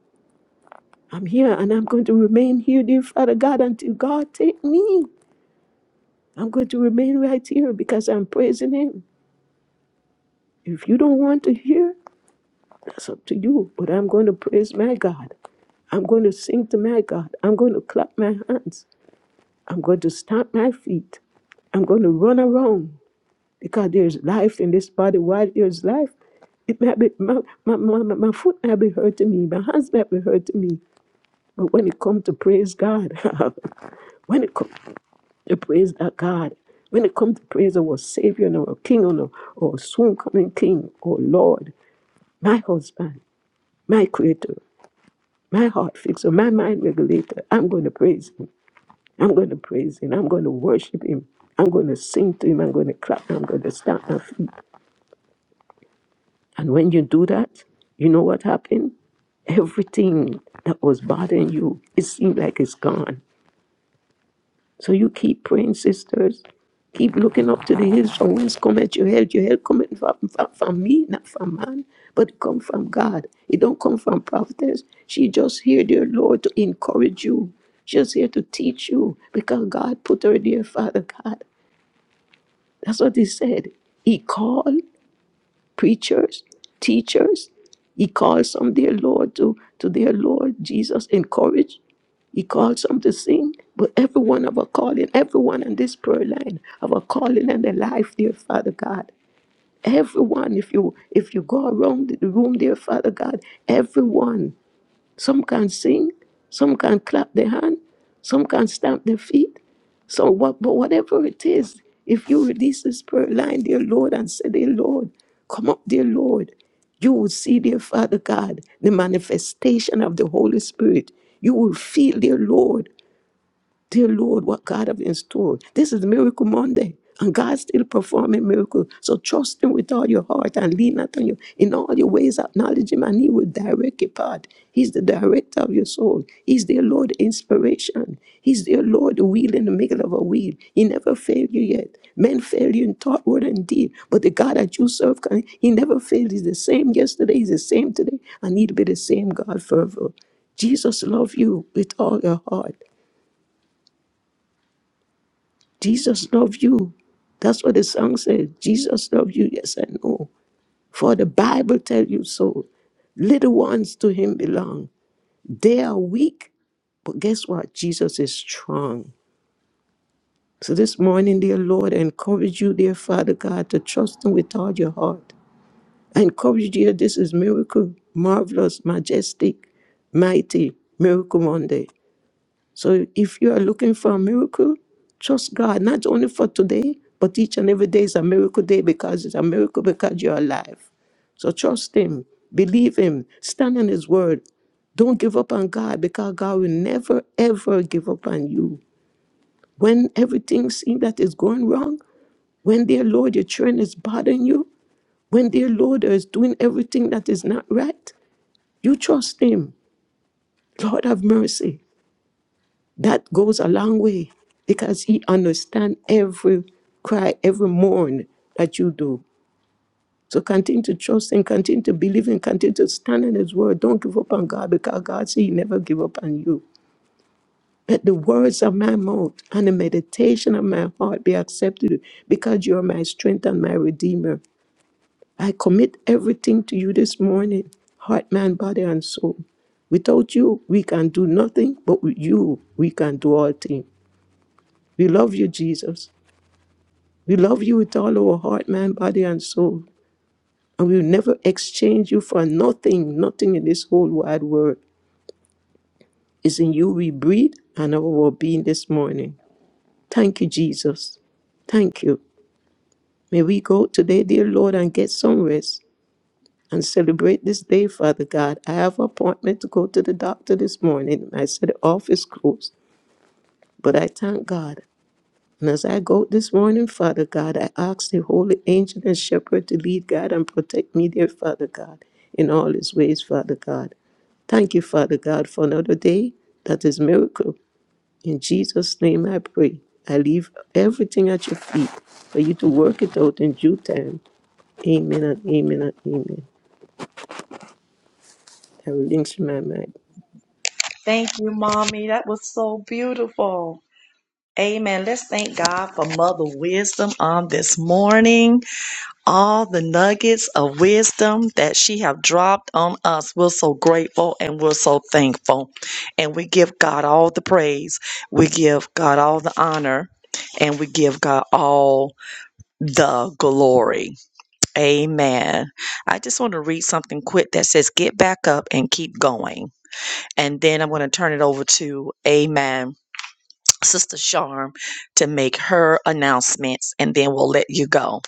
Speaker 2: I'm here and I'm going to remain here, dear Father God, until God take me. I'm going to remain right here because I'm praising him. If you don't want to hear, that's up to you. But I'm going to praise my God. I'm going to sing to my God. I'm going to clap my hands. I'm going to stamp my feet. I'm going to run around because there's life in this body. While there's life, it might be my, my, my, my my foot might be hurting me, my hands might be hurting me. But when it comes to praise God, when it comes to praise that God. When it comes to praise our Savior and our King and our, our soon coming King, our Lord, my husband, my creator, my heart fixer, my mind regulator, I'm going to praise Him. I'm going to praise Him. I'm going to worship Him. I'm going to sing to Him. I'm going to clap. I'm going to stamp my feet. And when you do that, you know what happened? Everything that was bothering you, it seemed like it's gone. So you keep praying, sisters. Keep looking up to the hills from whence cometh your help. Your help cometh from, from, from me, not from man, but come from God. It don't come from prophetess. She just here, dear Lord, to encourage you. She's here to teach you because God put her there, Father God. That's what he said. He called preachers, teachers. He calls some, dear Lord, to, to their Lord Jesus, encourage. He calls some to sing. But every one of our calling, everyone on this prayer line, of our calling and their life, dear Father God. Everyone, if you if you go around the room, dear Father God, everyone. Some can sing, some can clap their hand, some can stamp their feet. So what but whatever it is, if you release this prayer line, dear Lord, and say, Dear Lord, come up, dear Lord, you will see, dear Father God, the manifestation of the Holy Spirit. You will feel, dear Lord, Dear Lord, what God have in store. This is Miracle Monday. And God's still performing miracles. So trust Him with all your heart and lean not on you. In all your ways, acknowledge Him and He will direct your path. He's the director of your soul. He's the Lord inspiration. He's the Lord the wheel in the middle of a wheel. He never failed you yet. Men fail you in thought, word, and deed. But the God that you serve, can- He never failed. He's the same yesterday. He's the same today. And He'll be the same God forever. Jesus loves you with all your heart. Jesus loves you. That's what the song says. Jesus loves you. Yes, I know. For the Bible tells you so. Little ones to him belong. They are weak, but guess what? Jesus is strong. So this morning, dear Lord, I encourage you, dear Father God, to trust him with all your heart. I encourage you, dear, this is miracle, marvelous, majestic, mighty, miracle Monday. So if you are looking for a miracle, trust God, not only for today, but each and every day is a miracle day because it's a miracle because you're alive. So trust Him, believe Him, stand on His word. Don't give up on God because God will never, ever give up on you. When everything seems that is going wrong, when, dear Lord, your children is bothering you, when, dear Lord, is doing everything that is not right, you trust Him. Lord, have mercy. That goes a long way because he understands every cry, every mourn that you do. So continue to trust and continue to believe and continue to stand in his word. Don't give up on God because God said he never give up on you. Let the words of my mouth and the meditation of my heart be accepted because you are my strength and my redeemer. I commit everything to you this morning, heart, mind, body, and soul. Without you, we can do nothing, but with you, we can do all things. We love you, Jesus. We love you with all our heart, mind, body, and soul. And we'll never exchange you for nothing, nothing in this whole wide world. It's in you we breathe and our being this morning. Thank you, Jesus. Thank you. May we go today, dear Lord, and get some rest and celebrate this day, Father God. I have an appointment to go to the doctor this morning. I said the office closed, but I thank God. And as I go this morning, Father God, I ask the holy angel and shepherd to lead God and protect me, dear Father God, in all his ways, Father God. Thank you, Father God, for another day that is miracle. In Jesus' name I pray. I leave everything at your feet for you to work it out in due time. Amen and amen and amen. I relinquish my mind.
Speaker 1: Thank you, Mommy. That was so beautiful. Amen. Let's thank God for Mother Wisdom on this morning. all the nuggets of wisdom that she have dropped on us. We're so grateful and we're so thankful. And we give God all the praise. We give God all the honor and we give God all the glory. Amen. I just want to read something quick that says get back up and keep going. And then I'm going to turn it over to Amen. Sister Charm to make her announcements and then we'll let you go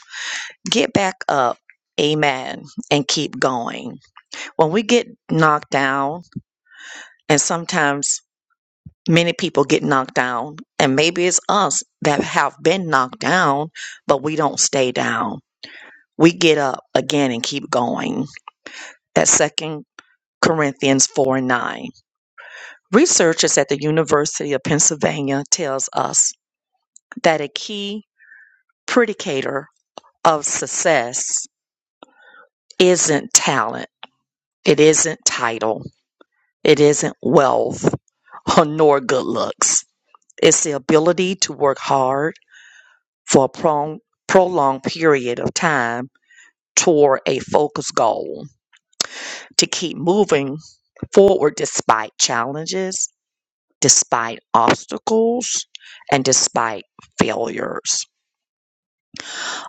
Speaker 1: get back up, amen, and keep going. When we get knocked down, and sometimes many people get knocked down, and maybe it's us that have been knocked down, but we don't stay down. We get up again and keep going. That's second Corinthians 4 and 9. Researchers at the University of Pennsylvania tells us that a key predicator of success isn't talent. It isn't title. It isn't wealth or nor good looks. It's the ability to work hard for a prong- prolonged period of time toward a focused goal, to keep moving forward despite challenges, despite obstacles, and despite failures.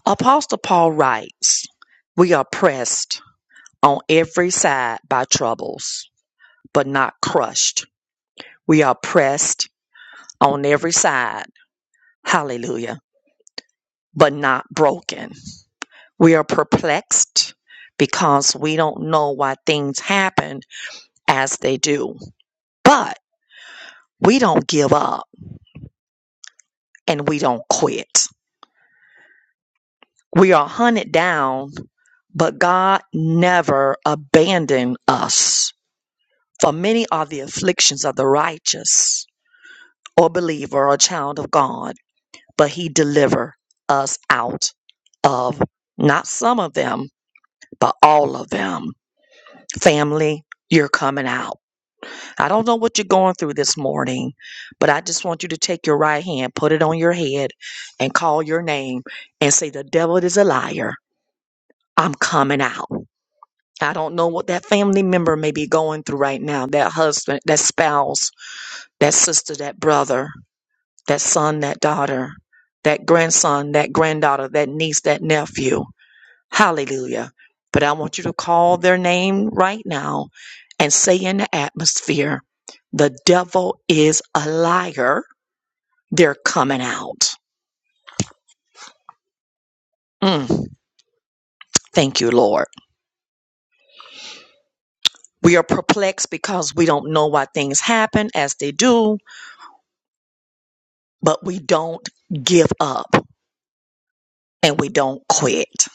Speaker 1: Apostle Paul writes, We are pressed on every side by troubles, but not crushed. We are pressed on every side. Hallelujah but not broken. We are perplexed because we don't know why things happen as they do, but we don't give up and we don't quit. We are hunted down, but God never abandoned us. For many are the afflictions of the righteous or believer or child of God, but he delivered us out of not some of them, but all of them. Family, you're coming out I don't know what you're going through this morning, but I just want you to take your right hand, put it on your head, and call your name and say, The devil is a liar. I'm coming out. I don't know what that family member may be going through right now that husband, that spouse, that sister, that brother, that son, that daughter, that grandson, that granddaughter, that niece, that nephew. Hallelujah. But I want you to call their name right now and say in the atmosphere, the devil is a liar. They're coming out. Mm, thank you, Lord. We are perplexed because we don't know why things happen as they do, but we don't give up and we don't quit.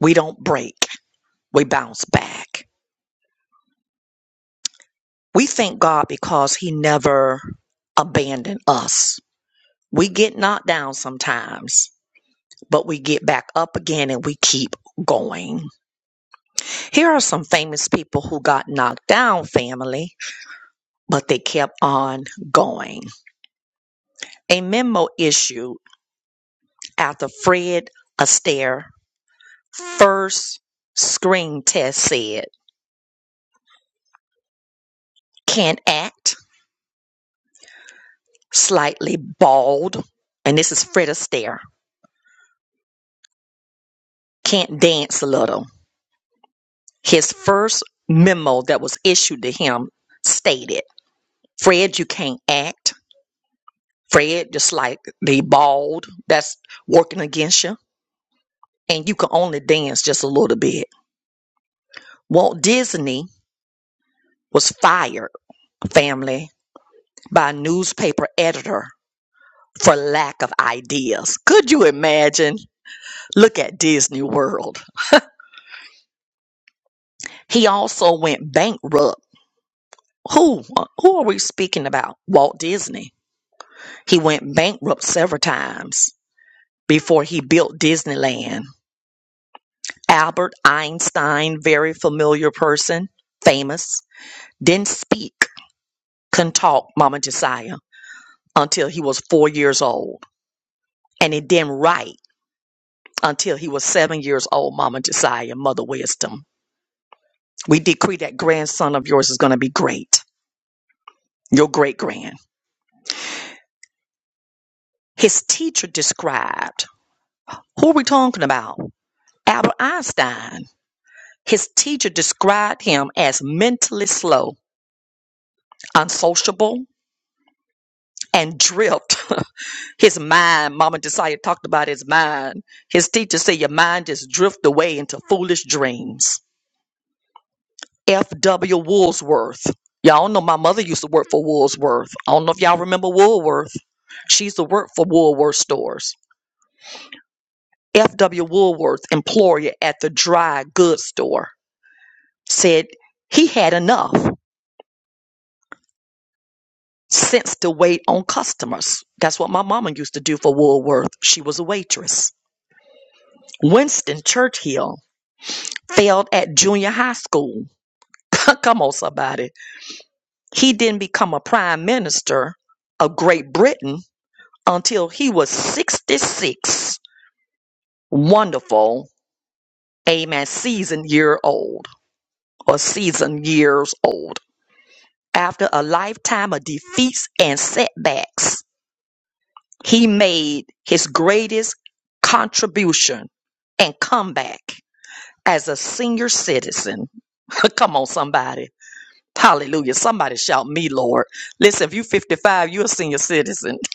Speaker 1: We don't break. We bounce back. We thank God because he never abandoned us. We get knocked down sometimes, but we get back up again and we keep going. Here are some famous people who got knocked down, family, but they kept on going. A memo issued after Fred Astaire first screen test said, can't act, slightly bald, and this is Fred Astaire, can't dance a little. His first memo that was issued to him stated, Fred, you can't act Fred, just like they bald, that's working against you. And you can only dance just a little bit. Walt Disney was fired, family, by a newspaper editor for lack of ideas. Could you imagine? Look at Disney World. He also went bankrupt. Who? Who are we speaking about? Walt Disney. He went bankrupt several times before he built Disneyland. Albert Einstein, very familiar person, famous. didn't speak, couldn't talk, Mama Josiah, until he was four years old. And he didn't write until he was seven years old, Mama Josiah, Mother Wisdom. We decree that grandson of yours is going to be great, your great grand. His teacher described, who are we talking about? Albert Einstein. His teacher described him as mentally slow, unsociable, and drift His mind, Mama Desire talked about his mind. His teacher said your mind just drift away into foolish dreams. F.W. Woolsworth. Y'all know my mother used to work for Woolsworth. I don't know if y'all remember Woolworth. She used to work for Woolworth stores. F.W. Woolworth, employer at the dry goods store, said he had enough sense to wait on customers. That's what my mama used to do for Woolworth. She was a waitress. Winston Churchill failed at junior high school. Come on, somebody. He didn't become a prime minister of Great Britain until he was 66. Wonderful, amen, seasoned year old or seasoned years old. After a lifetime of defeats and setbacks, he made his greatest contribution and comeback as a senior citizen. Come on, somebody Hallelujah. Somebody shout me, Lord. Listen, if you're 55, you're a senior citizen.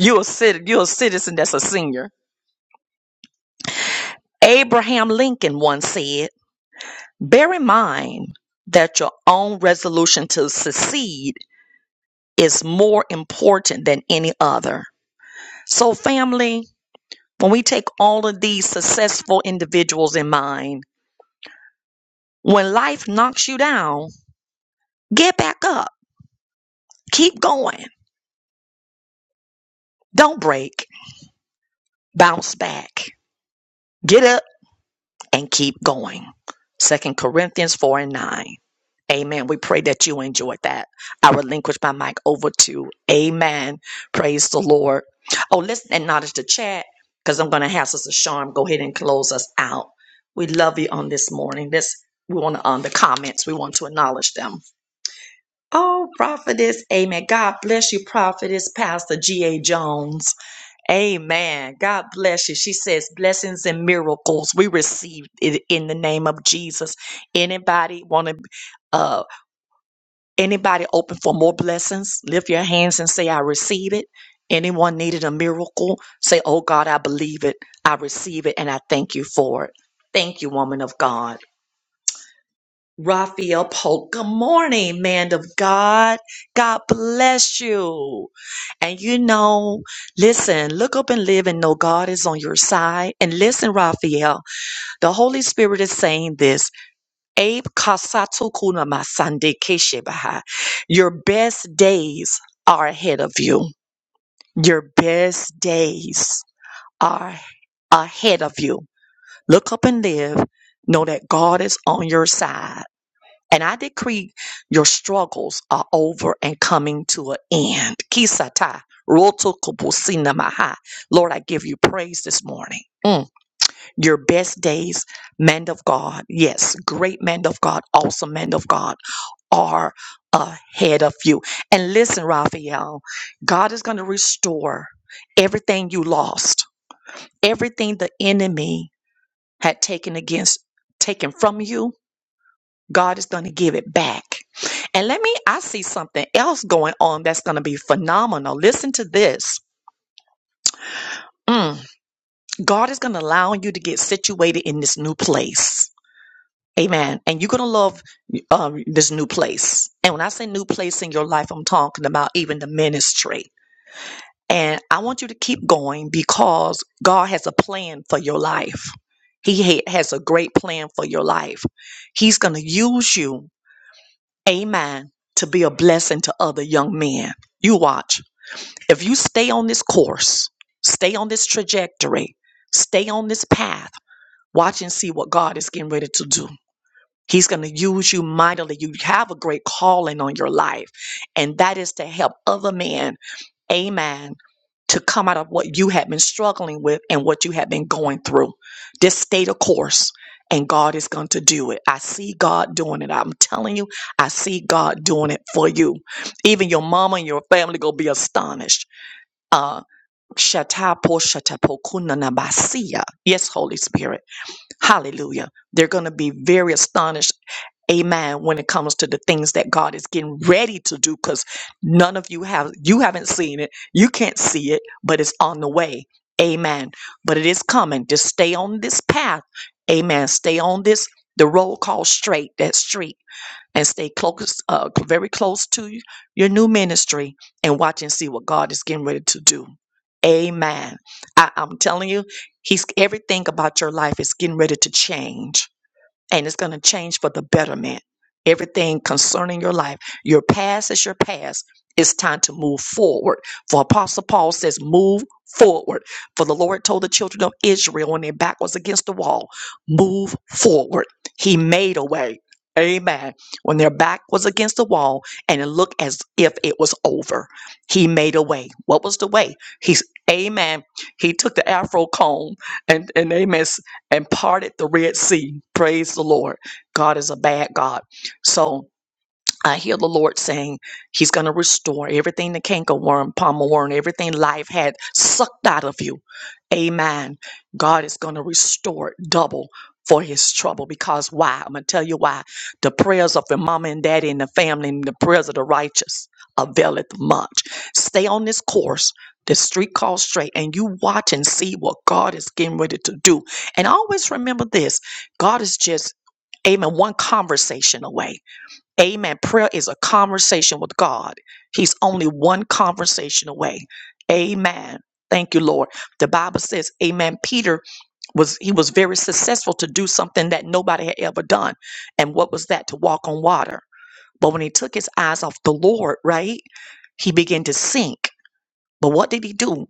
Speaker 1: You're a, cit- you're a citizen that's a senior. Abraham Lincoln once said, Bear in mind that your own resolution to succeed is more important than any other. So, family, when we take all of these successful individuals in mind, when life knocks you down, get back up, keep going, don't break, bounce back, get up and keep going. Second Corinthians 4 and 9. Amen. We pray that you enjoyed that. I relinquish my mic over to Amen. Praise the Lord. Oh, let's acknowledge the chat because I'm going to have Sister Sharm go ahead and close us out. We love you on this morning. This we want to on the comments. We want to acknowledge them. Oh, prophetess, amen. God bless you, prophetess, Pastor G. A. Jones. Amen. God bless you. She says, blessings and miracles. We receive it in the name of Jesus. Anybody want to, uh, anybody open for more blessings? Lift your hands and say, I receive it. Anyone needed a miracle? Say, Oh God, I believe it. I receive it and I thank you for it. Thank you, woman of God. Raphael Polk. Good morning, man of God. God bless you. And you know, listen, look up and live and know God is on your side. And listen, Raphael, the Holy Spirit is saying this. Abe kasatu kuna masande keshe baha. Your best days are ahead of you. Your best days are ahead of you. Look up and live. Know that God is on your side and I decree your struggles are over and coming to an end. Kisata. roto kopusina maha. Lord, I give you praise this morning. Mm. Your best days, man of God, yes, great man of God, awesome man of God, are ahead of you. And listen, Raphael, God is going to restore everything you lost, everything the enemy had taken against, taken from you God is going to give it back. And let me, I see something else going on that's going to be phenomenal. Listen to this. Mm. God is going to allow you to get situated in this new place. Amen. And you're going to love um, this new place. And when I say new place in your life, I'm talking about even the ministry. And I want you to keep going because God has a plan for your life. He ha- has a great plan for your life. He's going to use you amen, to be a blessing to other young men. You watch. If you stay on this course, stay on this trajectory, stay on this path, watch and see what God is getting ready to do. He's going to use you mightily. You have a great calling on your life, and that is to help other men amen, to come out of what you have been struggling with and what you have been going through. Just stay the course, and God is going to do it. I see God doing it. I'm telling you, I see God doing it for you. Even your mama and your family going to be astonished. Uh, Shatapo shatapokunanabasia. Yes, Holy Spirit. Hallelujah. They're going to be very astonished amen when it comes to the things that god is getting ready to do because none of you have you haven't seen it you can't see it but it's on the way amen but it is coming just stay on this path amen stay on this the road called straight that street and stay close uh, very close to y- your new ministry and watch and see what god is getting ready to do amen I, i'm telling you he's everything about your life is getting ready to change and it's going to change for the betterment. Everything concerning your life, your past is your past. It's time to move forward. For Apostle Paul says, move forward. For the Lord told the children of Israel when their back was against the wall, move forward. He made a way. Amen. When their back was against the wall and it looked as if it was over, he made a way. What was the way? He's, amen. He took the afro comb and, and amen and parted the Red Sea. Praise the Lord. God is a bad God. So, I hear the Lord saying He's going to restore everything the cankerworm, palmer worm, everything life had sucked out of you. Amen. God is going to restore it double for His trouble because why? I'm going to tell you why. The prayers of the mama and daddy and the family and the prayers of the righteous availeth much. Stay on this course. The street called straight, and you watch and see what God is getting ready to do. And always remember this God is just, amen, one conversation away. Amen. Prayer is a conversation with God. He's only one conversation away. Amen. Thank you, Lord. The Bible says, Amen. Peter was he was very successful to do something that nobody had ever done. And what was that? To walk on water. But when he took his eyes off the Lord, right, he began to sink. But what did he do?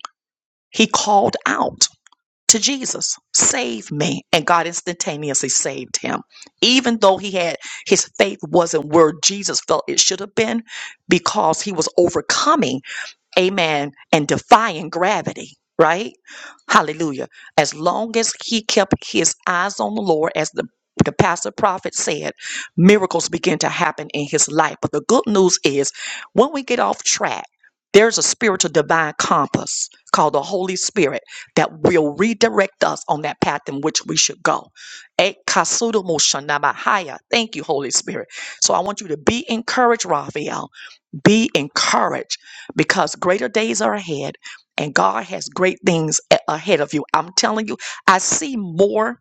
Speaker 1: He called out to Jesus, save me. And God instantaneously saved him. Even though he had his faith wasn't where Jesus felt it should have been because he was overcoming amen, and defying gravity, right? Hallelujah. As long as he kept his eyes on the Lord, as the the pastor prophet said, miracles begin to happen in his life. But the good news is when we get off track, there's a spiritual divine compass called the Holy Spirit that will redirect us on that path in which we should go. Eh, kasudo mo shanabahaya. Thank you, Holy Spirit. So I want you to be encouraged, Raphael be encouraged because greater days are ahead and God has great things a- ahead of you. I'm telling you, I see more.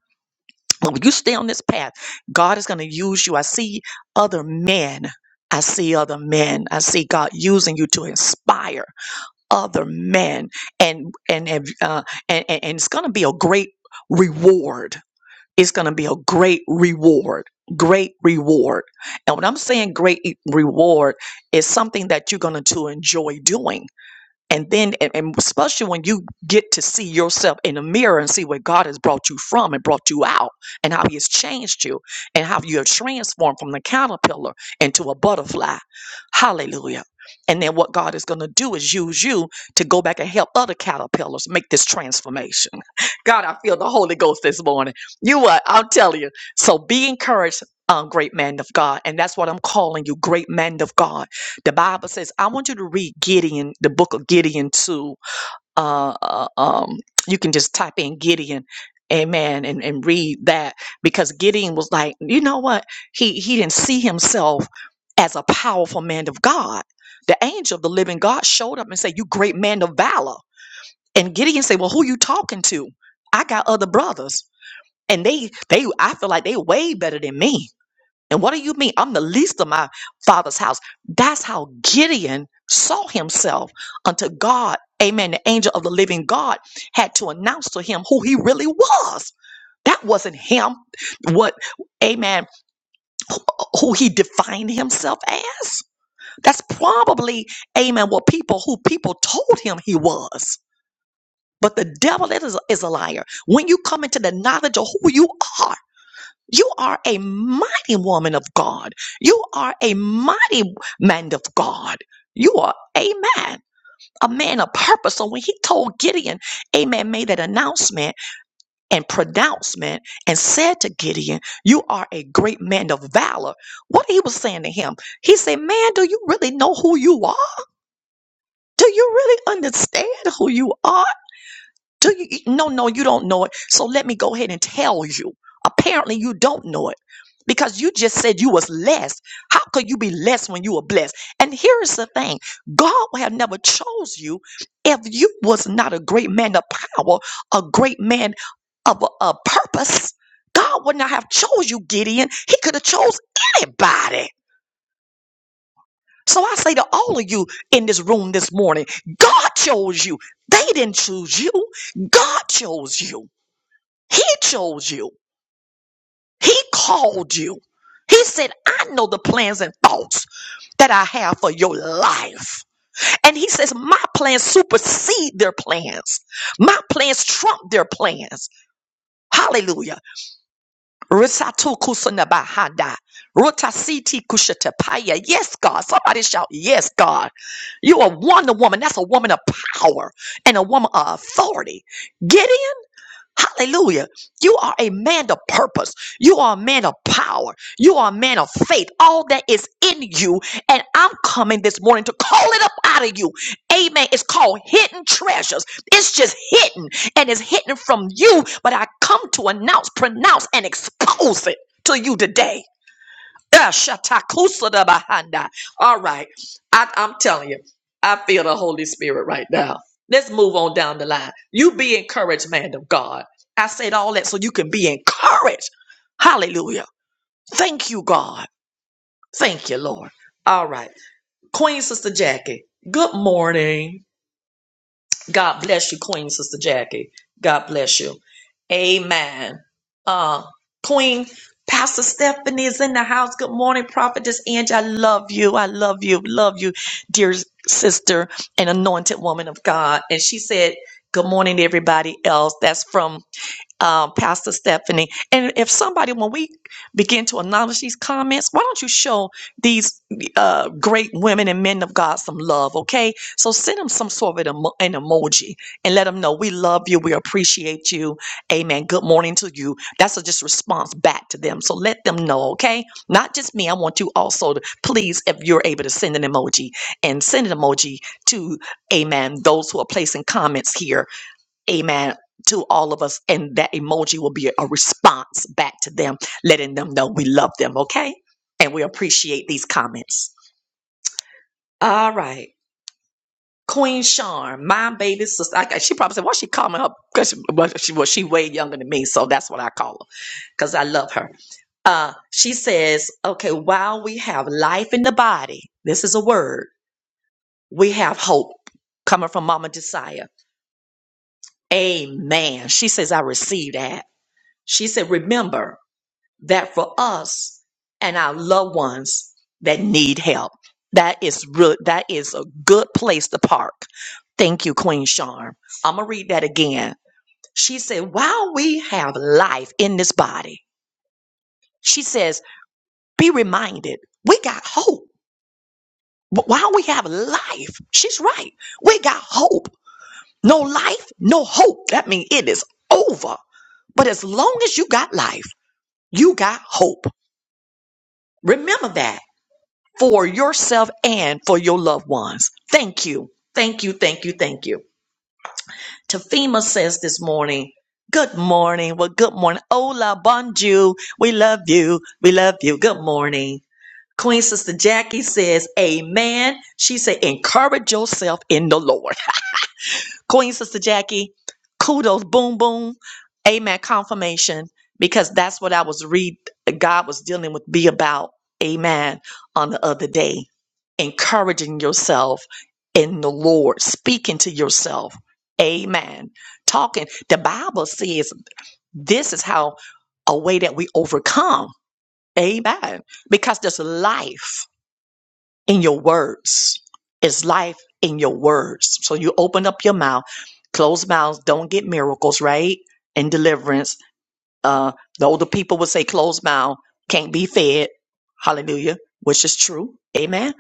Speaker 1: When you stay on this path, God is going to use you. I see other men. I see other men. I see God using you to inspire other men, and and and uh, and, and and it's going to be a great reward it's going to be a great reward. Great reward. And when I'm saying great e- reward, is something that you're going to enjoy doing and then and, and especially when you get to see yourself in the mirror and see where god has brought you from and brought you out and how he has changed you and how you are transformed from the caterpillar into a butterfly hallelujah and then what god is going to do is use you to go back and help other caterpillars make this transformation god i feel the holy ghost this morning you what i'm telling you so be encouraged um, great man of God. And that's what I'm calling you, great man of God the Bible says, I want you to read Gideon, the book of Gideon too. Uh, uh, um, you can just type in Gideon, amen, and, and read that because Gideon was like, you know what? He, he didn't see himself as a powerful man of God. The angel of the living God showed up and said, you great man of valor. And Gideon said, well, who you talking to? I got other brothers and they, they, I feel like they way better than me and what do you mean? I'm the least of my father's house. That's how Gideon saw himself unto God. Amen. The angel of the living God had to announce to him who he really was. That wasn't him. What, amen, wh- who he defined himself as. That's probably, amen, what people, who people told him he was. But the devil is, is a liar. When you come into the knowledge of who you are, you are a mighty woman of God. You are a mighty man of God. You are a man, a man of purpose. So when he told Gideon, Amen, made that announcement and pronouncement and said to Gideon, You are a great man of valor. What he was saying to him, he said, Man, do you really know who you are? Do you really understand who you are? Do you? No, no, you don't know it. So let me go ahead and tell you. Apparently, you don't know it because you just said you was less. How could you be less when you were blessed? And here's the thing: God would have never chose you if you was not a great man of power, a great man of a, a purpose. God would not have chose you, Gideon. He could have chose anybody. So I say to all of you in this room this morning, God chose you. They didn't choose you. God chose you. He chose you. He called you. He said, I know the plans and thoughts that I have for your life. And he says, My plans supersede their plans. My plans trump their plans. Hallelujah. Risatu kusanabahada. Rotasiti kushatapaya. Yes, God. Somebody shout, Yes, God. You are a wonder woman. That's a woman of power and a woman of authority. Get Hallelujah. You are a man of purpose. You are a man of power. You are a man of faith. All that is in you. And I'm coming this morning to call it up out of you. Amen. It's called hidden treasures. It's just hidden and it's hidden from you. But I come to announce, pronounce, and expose it to you today. Ah, shatakusa da bahanda. All right. I, I'm telling you, I feel the Holy Spirit right now. Let's move on down the line. You be encouraged, man of God. I said all that so you can be encouraged. Hallelujah. Thank you, God. Thank you, Lord. All right. Queen Sister Jackie, good morning. God bless you, Queen Sister Jackie. God bless you. Amen. Uh, Queen Pastor Stephanie is in the house. Good morning, Prophetess Angie. I love you. I love you. Love you, dear sister and anointed woman of God. And she said, Good morning, to everybody else. That's from uh, Pastor Stephanie. And if somebody, when we begin to acknowledge these comments, why don't you show these uh, great women and men of God some love, okay? So send them some sort of an, emo- an emoji and let them know we love you, we appreciate you, amen. Good morning to you. That's a just response back to them. So let them know, okay? Not just me. I want you also to please, if you're able to send an emoji and send an emoji to, amen, those who are placing comments here amen to all of us and that emoji will be a response back to them letting them know we love them okay and we appreciate these comments all right queen charm my baby sister I, she probably said why she calling her because she, well, she well, she way younger than me so that's what i call her because i love her uh she says okay while we have life in the body this is a word we have hope coming from mama desire amen she says i receive that she said remember that for us and our loved ones that need help. That is real, that is a good place to park. Thank you, Queen Charm. I'm gonna read that again. She said, while we have life in this body, she says, be reminded, we got hope. Wh- While we have life, she's right. We got hope. No life, no hope. That means it is over. But as long as you got life, you got hope. Remember that. for yourself and for your loved ones. Thank you. Thank you. Thank you. Thank you. Tafima says this morning, Good morning. Well, good morning. Hola, bonjour. We love you. We love you. Good morning. Queen Sister Jackie says, Amen. She said, Encourage yourself in the Lord. Queen Sister Jackie, kudos, boom, boom. Amen. Confirmation, because that's what I was read. God was dealing with be about. Amen. On the other day, encouraging yourself in the Lord, speaking to yourself. Amen. Talking. The Bible says this is how a way that we overcome. Amen. Because there's life in your words. It's life in your words. So you open up your mouth, closed mouths don't get miracles, right? And deliverance. Uh, the older people would say closed mouth can't be fed. Hallelujah, which is true. Amen.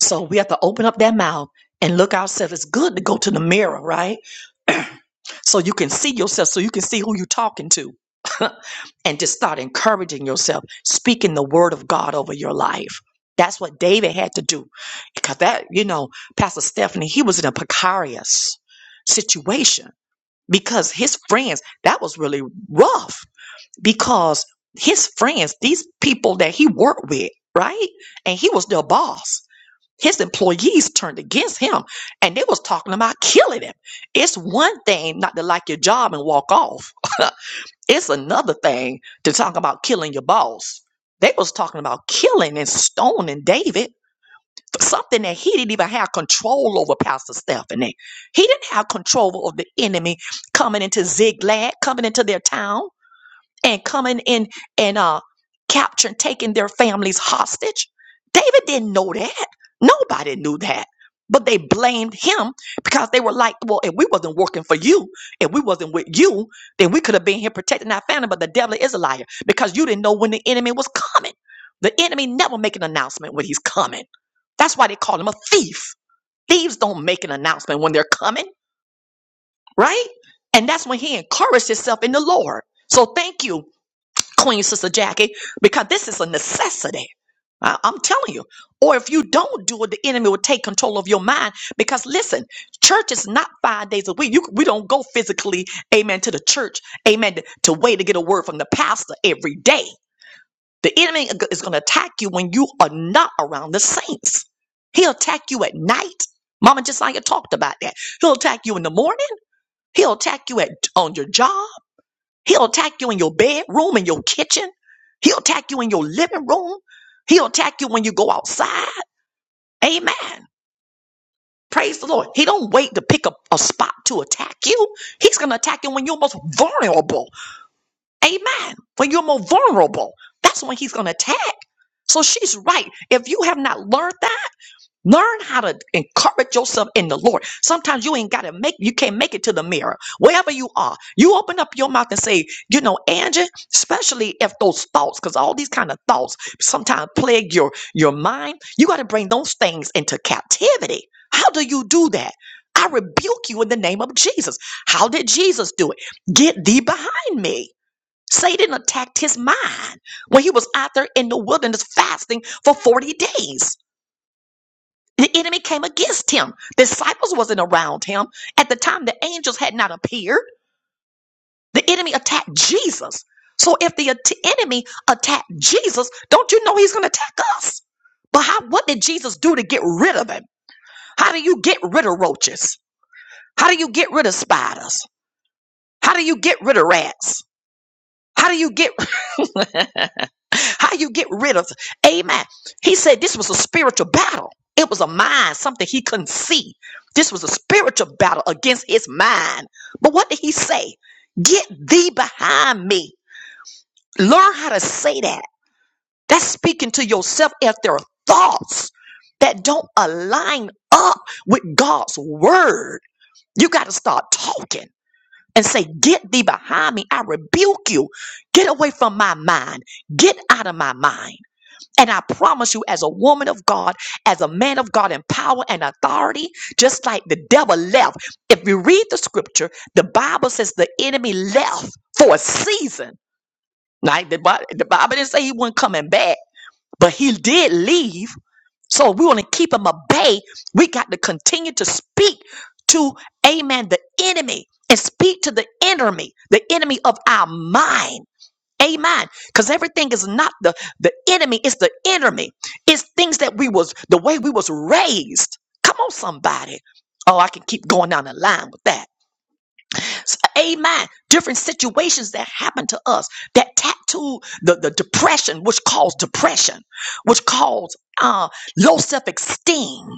Speaker 1: So we have to open up that mouth and look ourselves. It's good to go to the mirror, right? So you can see yourself, so you can see who you're talking to. and just start encouraging yourself, speaking the word of God over your life. That's what David had to do. Because that, you know, Pastor Stephanie, he was in a precarious situation because his friends, that was really rough because his friends, these people that he worked with, right? And he was their boss. His employees turned against him and they was talking about killing him. It's one thing not to like your job and walk off. It's another thing to talk about killing your boss. They was talking about killing and stoning David for something that he didn't even have control over, Pastor Stephanie. He didn't have control over the enemy coming into Ziglag, coming into their town and coming in and uh capturing, taking their families hostage. David didn't know that. Nobody knew that. But they blamed him because they were like, well, if we wasn't working for you, if we wasn't with you, then we could have been here protecting our family. But the devil is a liar because you didn't know when the enemy was coming. The enemy never make an announcement when he's coming. That's why they call him a thief. Thieves don't make an announcement when they're coming, right? And that's when he encouraged himself in the Lord. So thank you Queen Sister Jackie, because this is a necessity. I- I'm telling you. Or if you don't do it, the enemy will take control of your mind. Because listen, church is not five days a week. You, we don't go physically, amen, to the church, amen, to, to wait to get a word from the pastor every day. The enemy is go- is going to attack you when you are not around the saints. He'll attack you at night. Mama just like talked about that. He'll attack you in the morning. He'll attack you at on your job. He'll attack you in your bedroom, in your kitchen. He'll attack you in your living room. He'll attack you when you go outside. Amen. Praise the Lord. He don't wait to pick up a spot to attack you. He's going to attack you when you're most vulnerable. Amen. When you're more vulnerable, that's when he's going to attack. So she's right. If you have not learned that, Learn how to encourage yourself in the Lord. Sometimes you ain't got to make, you can't make it to the mirror. Wherever you are, you open up your mouth and say, you know, Angie, especially if those thoughts, because all these kind of thoughts sometimes plague your, your mind. You got to bring those things into captivity. How do you do that? I rebuke you in the name of Jesus. How did Jesus do it? Get thee behind me. Satan attacked his mind when he was out there in the wilderness fasting for 40 days. The enemy came against him. Disciples wasn't around him. At the time, the angels had not appeared. The enemy attacked Jesus. So if the at- enemy attacked Jesus, don't you know he's going to attack us? But how, what did Jesus do to get rid of him? How do you get rid of roaches? How do you get rid of spiders? How do you get rid of rats? How do you get How you get rid of? Amen. He said this was a spiritual battle. It was a mind, something he couldn't see. This was a spiritual battle against his mind. But what did he say? Get thee behind me. Learn how to say that. That's speaking to yourself if there are thoughts that don't align up with God's word. You got to start talking and say, Get thee behind me. I rebuke you. Get away from my mind. Get out of my mind. And I promise you, as a woman of God, as a man of God in power and authority, just like the devil left, if you read the scripture, the Bible says the enemy left for a season. Like The, Bi- the Bible didn't say he wasn't coming back, but he did leave. So if we want to keep him at bay. We got to continue to speak to, amen, the enemy and speak to the enemy, the enemy of our mind. Amen. Because everything is not the, the enemy, it's the enemy. It's things that we was the way we was raised. Come on, somebody. Oh, I can keep going down the line with that. S- Amen. Different situations that happen to us that tattoo the, the depression, which caused depression, which caused uh, low self esteem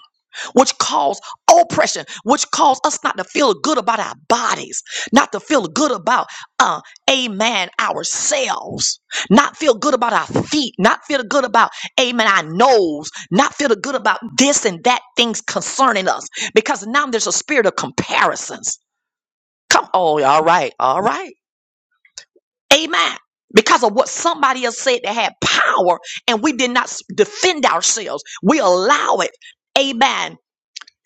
Speaker 1: which cause oppression, which cause us not to feel good about our bodies, not to feel good about, uh, amen, ourselves, not feel good about our feet, not feel good about, amen, our nose, not feel good about this and that things concerning us, because now there's a spirit of comparisons. Come, oh, all right, all right, amen. Because of what somebody else said that had power, and we did not s- defend ourselves, we allow it. Amen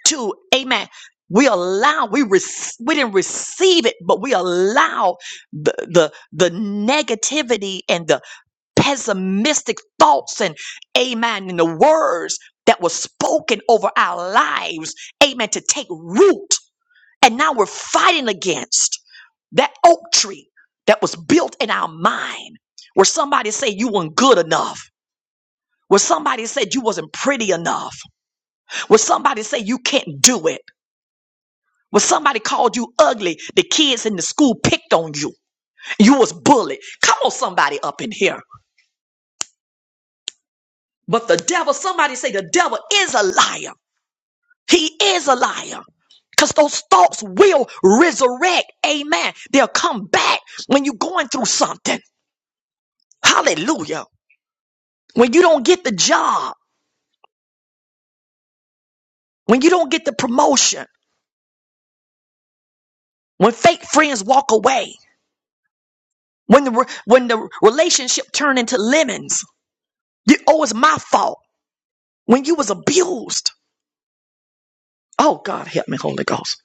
Speaker 1: to amen we allow we rec- we didn't receive it but we allow the, the the negativity and the pessimistic thoughts and amen and the words that were spoken over our lives amen to take root and now we're fighting against that oak tree that was built in our mind where somebody said you weren't good enough where somebody said you wasn't pretty enough where somebody said you can't do it When somebody called you ugly, the kids in the school picked on you. You was bullied. Come on, somebody up in here. But the devil, somebody say the devil is a liar. He is a liar. Because those thoughts will resurrect. Amen. They'll come back when you're going through something. Hallelujah. When you don't get the job, when you don't get the promotion, when fake friends walk away, when the, re- when the relationship turn into lemons, you, oh, it's my fault. When you was abused, Oh God, help me, Holy Ghost.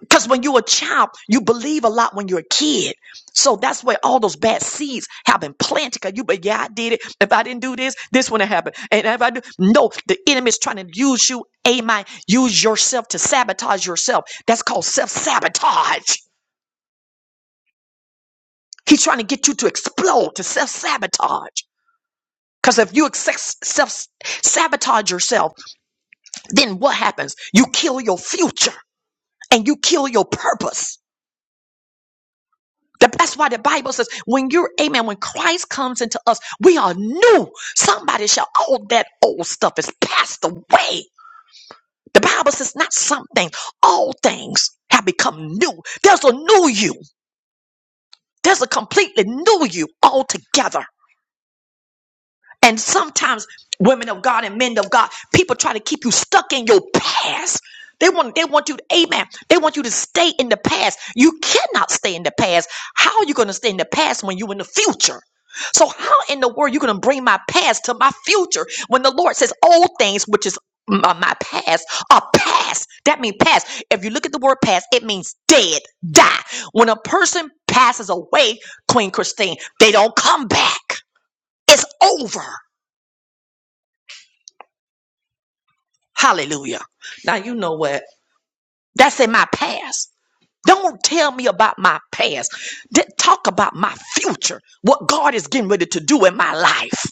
Speaker 1: Because when you're a child, you believe a lot when you're a kid. So that's where all those bad seeds have been planted. Cause you, but yeah, I did it. If I didn't do this, this wouldn't happen. And if I do, no, the enemy is trying to use you, amen, use yourself to sabotage yourself. That's called self-sabotage. He's trying to get you to explode, to self-sabotage. Because if you access- self-sabotage yourself, then what happens? You kill your future and you kill your purpose. The- That's why the Bible says, when you're, amen, when Christ comes into us, we are new. Somebody shall, all that old stuff is passed away. The Bible says, not some things, all things have become new. There's a new you. There's a completely new you altogether. And sometimes women of God and men of God, people try to keep you stuck in your past. They want they want you to amen. They want you to stay in the past. You cannot stay in the past. How are you going to stay in the past when you're in the future? So how in the world you going to bring my past to my future when the Lord says old things which is m- uh, my past are past. That means past. If you look at the word past, it means dead, die. When a person passes away, Queen Christine, they don't come back. It's over. Hallelujah. Now you know what? That's in my past. Don't tell me about my past. D- talk about my future. What God is getting ready to do in my life.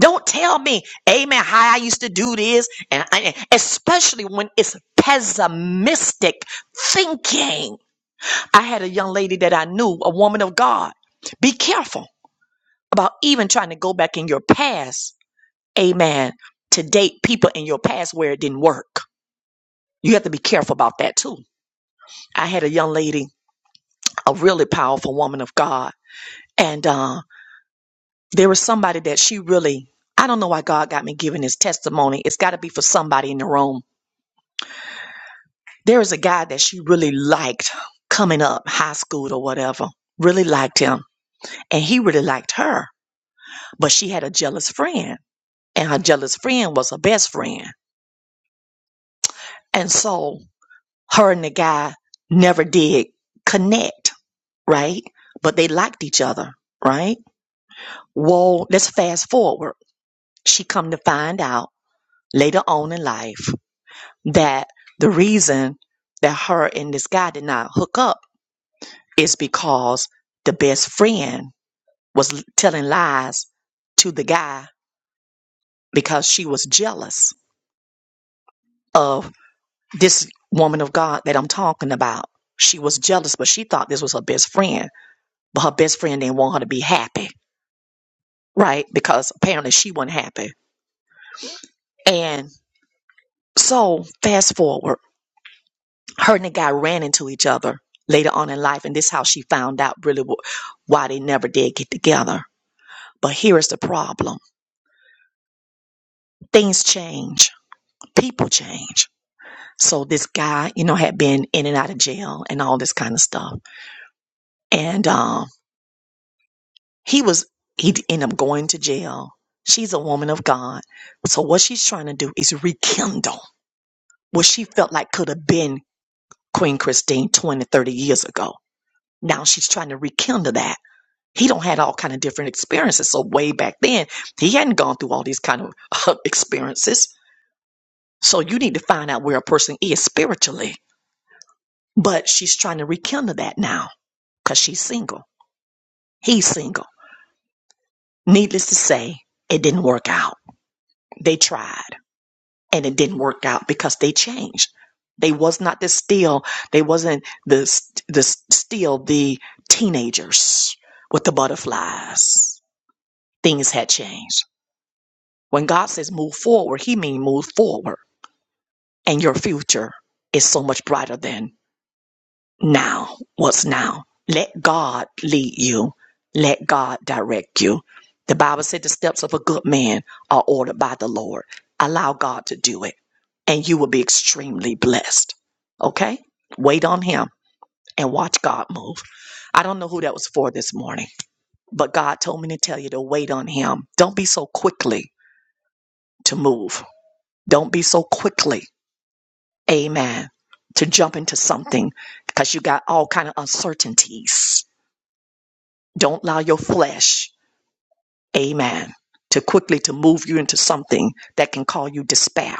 Speaker 1: Don't tell me, amen, how I used to do this. And, and especially when it's pessimistic thinking. I had a young lady that I knew, a woman of God. Be careful about even trying to go back in your past, amen, to date people in your past where it didn't work. You have to be careful about that too I had a young lady, a really powerful woman of God, and uh, there was somebody that she really, I don't know why God got me giving this testimony. It's got to be for somebody in the room. There is a guy that she really liked coming up, high school or whatever, really liked him, and he really liked her, but she had a jealous friend, and her jealous friend was her best friend. And so her and the guy never did connect, right? But they liked each other, right? Well, let's fast forward. She come to find out later on in life that the reason that her and this guy did not hook up is because the best friend was telling lies to the guy because she was jealous of this woman of God that I'm talking about. She was jealous, but she thought this was her best friend. But her best friend didn't want her to be happy, right? Because apparently she wasn't happy. And so fast forward her and the guy ran into each other later on in life, and this is how she found out really why they never did get together. But here is the problem: things change, people change. So this guy, you know, had been in and out of jail and all this kind of stuff, and um, he was he ended up going to jail. She's a woman of God, so what she's trying to do is rekindle what she felt like could have been Queen Christine 20, 30 years ago. Now she's trying to rekindle that he don't had all kind of different experiences. So way back then, he hadn't gone through all these kind of uh, experiences. So you need to find out where a person is spiritually. But she's trying to rekindle that now because she's single. He's single. Needless to say, it didn't work out. They tried and it didn't work out because they changed. They was not the still. They wasn't the st- the still the teenagers with the butterflies. Things had changed. When God says move forward, he means move forward. And your future is so much brighter than now. What's now? Let God lead you. Let God direct you. The Bible said the steps of a good man are ordered by the Lord. Allow God to do it and you will be extremely blessed. Okay? Wait on him and watch God move. I don't know who that was for this morning, but God told me to tell you to wait on him. Don't be so quickly to move. Don't be so quickly. amen to jump into something because you got all kind of uncertainties don't allow your flesh amen to quickly to move you into something that can call you despair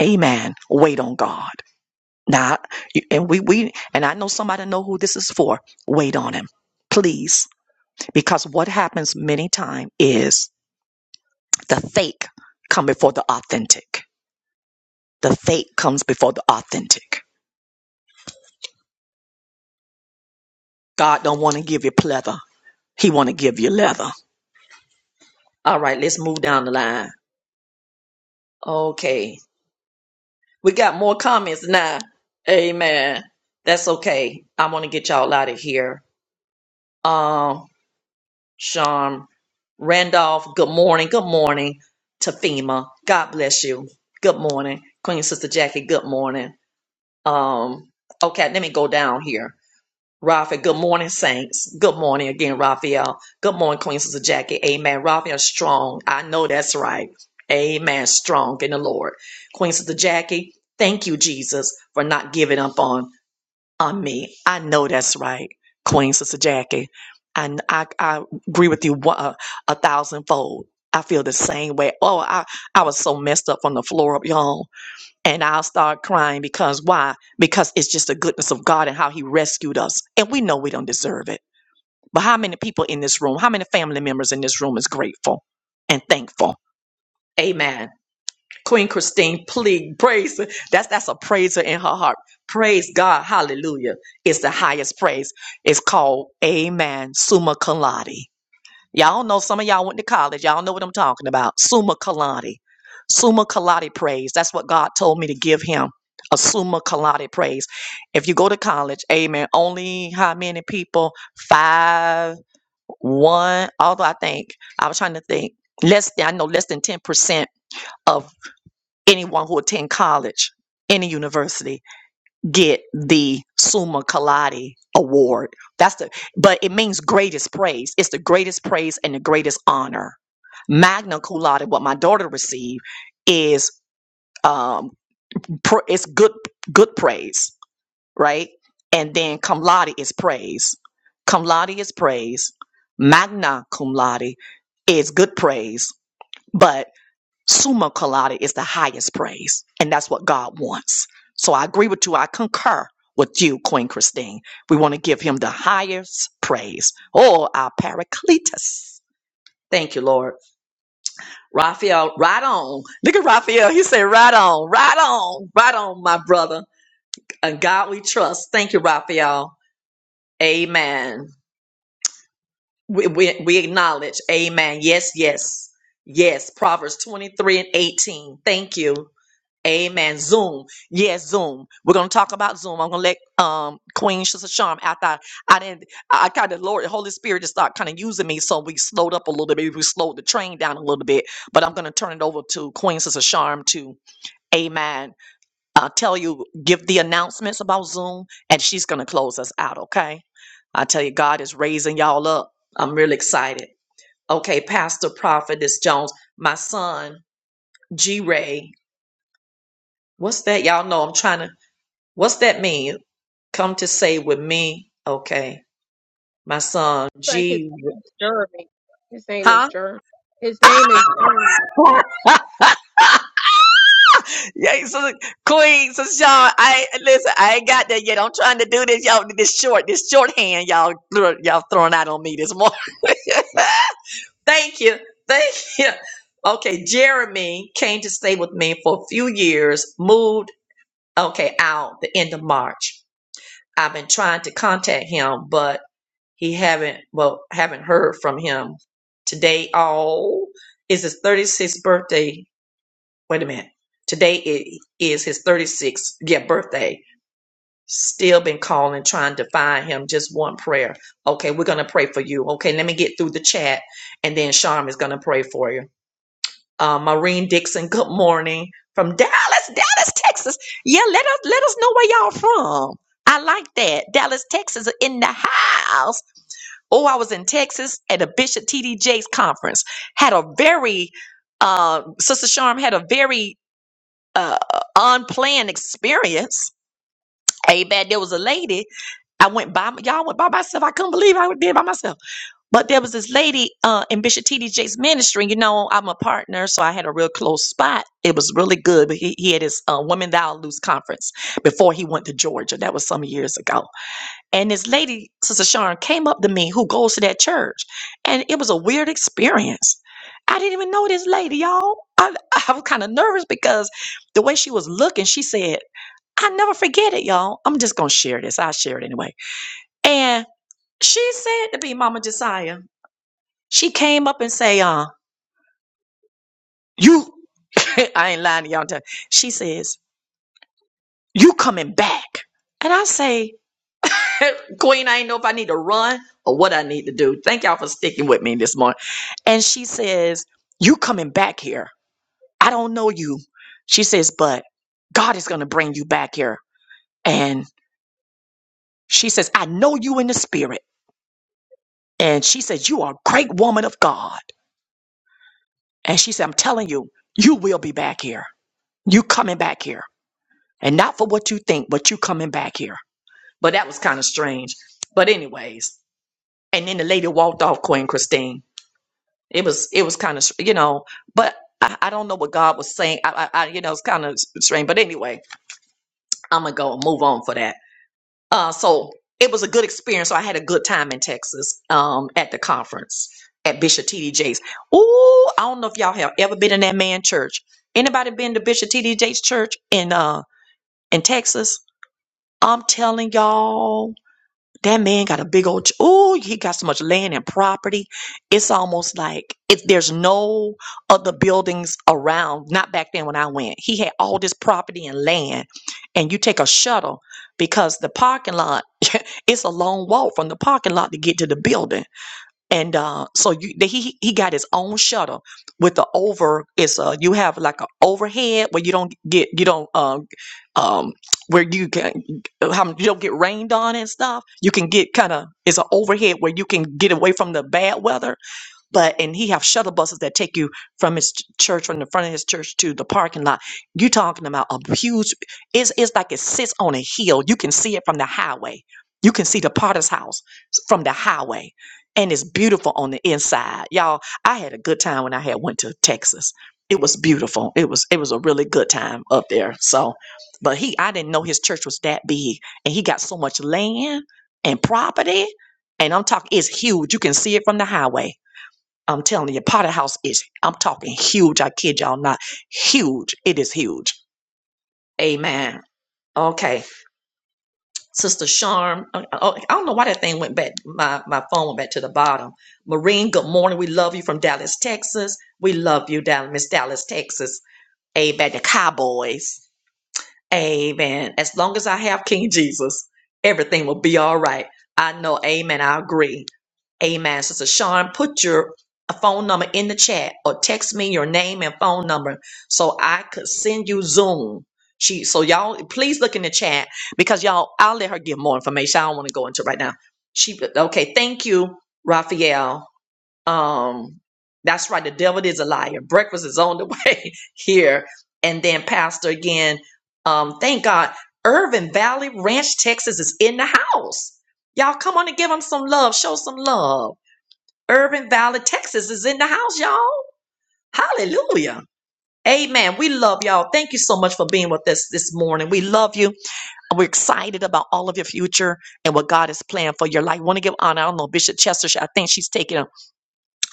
Speaker 1: amen wait on god now and we we and i know somebody know who this is for wait on him please because what happens many times is the fake come before the authentic the fake comes before the authentic god don't want to give you pleather he want to give you leather All right, let's move down the line. Okay. We got more comments now. Amen. That's okay. I want to get y'all out of here. Um, Sean Randolph, good morning. Good morning. Tafima, God bless you. Good morning. Queen Sister Jackie, good morning. Um, okay, let me go down here. Raphael, good morning, Saints. Good morning again, Raphael. Good morning, Queen Sister Jackie. Amen. Raphael strong. I know that's right. Amen. Strong in the Lord. Queen Sister Jackie, thank you, Jesus, for not giving up on, on me. I know that's right, Queen Sister Jackie. And I, I agree with you one- a, a thousandfold. I feel the same way. Oh, I, I was so messed up from the floor up, y'all and I'll start crying because why? Because it's just the goodness of God and how He rescued us. And we know we don't deserve it. But how many people in this room, how many family members in this room is grateful and thankful? Amen. Queen Christine, please praise. That's that's a praiser in her heart. Praise God. Hallelujah. It's the highest praise. It's called Amen. Summa Cum Laude. Y'all know some of y'all went to college. Y'all know what I'm talking about. Summa Kalati. Summa Kalati praise. That's what God told me to give him. A summa Kalati praise. If you go to college, amen. Only how many people? Five, one, although I think I was trying to think. Less than I know less than 10% of anyone who attend college, any university get the Summa Kaladi award. That's the but it means greatest praise. It's the greatest praise and the greatest honor. Magna cum laude, what my daughter received, is um pr- it's good good praise, right? And then cum laude is praise. Cum laude is praise. Magna cum laude is good praise, Summa colada is the highest praise, and that's what God wants. So I agree with you. I concur with you, Queen Christine. We want to give him the highest praise. Oh, our Paracletus. Thank you, Lord. Raphael, right on. Look at Raphael. He said, right on, right on, right on, my brother. And God we trust. Thank you, Raphael. Amen. We, we, we acknowledge. Amen. Yes, yes, yes. Proverbs 23 and 18. Thank you. Amen. Zoom. Yes, Zoom. We're gonna talk about Zoom. I'm gonna let um Queen Sister Charm after I, I didn't I kind of Lord the Holy Spirit just started kind of using me, so we slowed up a little bit. We slowed the train down a little bit, but I'm gonna turn it over to Queen Sister Charm to Amen. Uh tell you, give the announcements about Zoom, and she's gonna close us out, okay? I tell you, God is raising y'all up. I'm really excited. Okay, Pastor Prophetess Jones, my son, G Ray. What's that? Y'all know I'm trying to What's that mean? Come to say with me, okay, my son
Speaker 3: It's like his
Speaker 1: G,
Speaker 3: name is Jeremy. His name is
Speaker 1: huh?
Speaker 3: Jeremy. His name is Jeremy.
Speaker 1: yeah, so Queen, so Sean, I listen. I ain't got that yet. I'm trying to do this, y'all. This short, this shorthand, y'all, thro- y'all throwing out on me this morning. Thank you, thank you. Okay, Jeremy came to stay with me for a few years. Moved, okay, out the end of March. I've been trying to contact him, but He haven't well haven't heard from him today. All is his thirty sixth birthday. Wait a minute. Today it is his thirty sixth yeah birthday. Still been calling, trying to find him. Just one prayer. Okay, we're gonna pray for you. Okay, let me get through the chat, and then Sharm is gonna pray for you. Uh, Maureen Dixon, good morning from Dallas, Dallas, Texas. Yeah, let us let us know where y'all from. I like that. Dallas, Texas in the house. Oh, I was in Texas at a Bishop T.D. Jakes conference. Had a very, uh, Sister Sharm had a very uh, unplanned experience. Amen. There was a lady. I went by y'all went by myself. I couldn't believe I did it by myself. But there was this lady uh, in Bishop T.D. Jakes ministry. You know, I'm a partner, so I had a real close spot. It was really good. But he, he had his uh, Women Thou Loose conference before he went to Georgia. That was some years ago and this lady, Sister Sharon, came up to me who goes to that church. And it was a weird experience. I didn't even know this lady, y'all. I, I was kind of nervous because the way she was looking, she said, I never forget it, y'all. I'm just going to share this. I'll share it anyway. And she said to be Mama Josiah, she came up and say, uh, you, I ain't lying to y'all. I'm telling- She says, you coming back. And I say, Queen, I ain't know if I need to run or what I need to do. Thank y'all for sticking with me this morning. And she says, You coming back here. I don't know you. She says, But God is going to bring you back here. And she says, I know you in the spirit. And she says, You are a great woman of God. And she said, I'm telling you, you will be back here. You coming back here. And not for what you think, but you coming back here. But that was kind of strange. But, anyways, and then the lady walked off, Queen Christine it was it was kind of you know but I, I don't know what god was saying i i, I you know it's kind of strange but anyway i'm gonna go and move on for that uh so it was a good experience so i had a good time in texas um at the conference at bishop td jakes Ooh, i don't know if y'all have ever been in that man church anybody been to bishop td jakes church in uh in texas i'm telling y'all that man got a big old, ch- oh, he got so much land and property. It's almost like if there's no other buildings around, not back then when I went, he had all this property and land. And you take a shuttle because the parking lot, it's a long walk from the parking lot to get to the building and uh, so you, the, he he got his own shutter with the over. It's uh you have like an overhead where you don't get you don't um um where you can how you don't get rained on and stuff. You can get kind of it's an overhead where you can get away from the bad weather but and he have shuttle buses that take you from his ch- church from the front of his church to the parking lot you talking about a huge it's, it's like it sits on a hill you can see it from the highway you can see the potter's house from the highway and it's beautiful on the inside y'all i had a good time when i had went to texas it was beautiful it was it was a really good time up there so but he i didn't know his church was that big and he got so much land and property and i'm talking it's huge you can see it from the highway I'm telling you, Potter House is, I'm talking huge. I kid y'all not. Huge. It is huge. Amen. Okay. Sister Charm, oh, oh, I don't know why that thing went back. My, my phone went back to the bottom. Marine, good morning. We love you from Dallas, Texas. We love you, Dallas, Miss Dallas, Texas. Amen. The Cowboys. Amen. As long as I have King Jesus, everything will be all right. I know. Amen. I agree. Amen. Sister Sean, put your phone number in the chat or text me your name and phone number so I could send you Zoom. She so y'all please look in the chat because y'all I'll let her give more information. I don't want to go into it right now. She okay, thank you, Raphael. Um, that's right. The devil is a liar. Breakfast is on the way here. And then Pastor again. Um, thank God. Irvin Valley Ranch, Texas is in the house. Y'all come on and give them some love. Show some love. Irvin Valley, Texas is in the house, y'all. Hallelujah. Amen. We love y'all. Thank you so much for being with us this morning. We love you. We're excited about all of your future and what God is planning for your life. Want to give honor? I don't know Bishop Chester. I think she's taking. a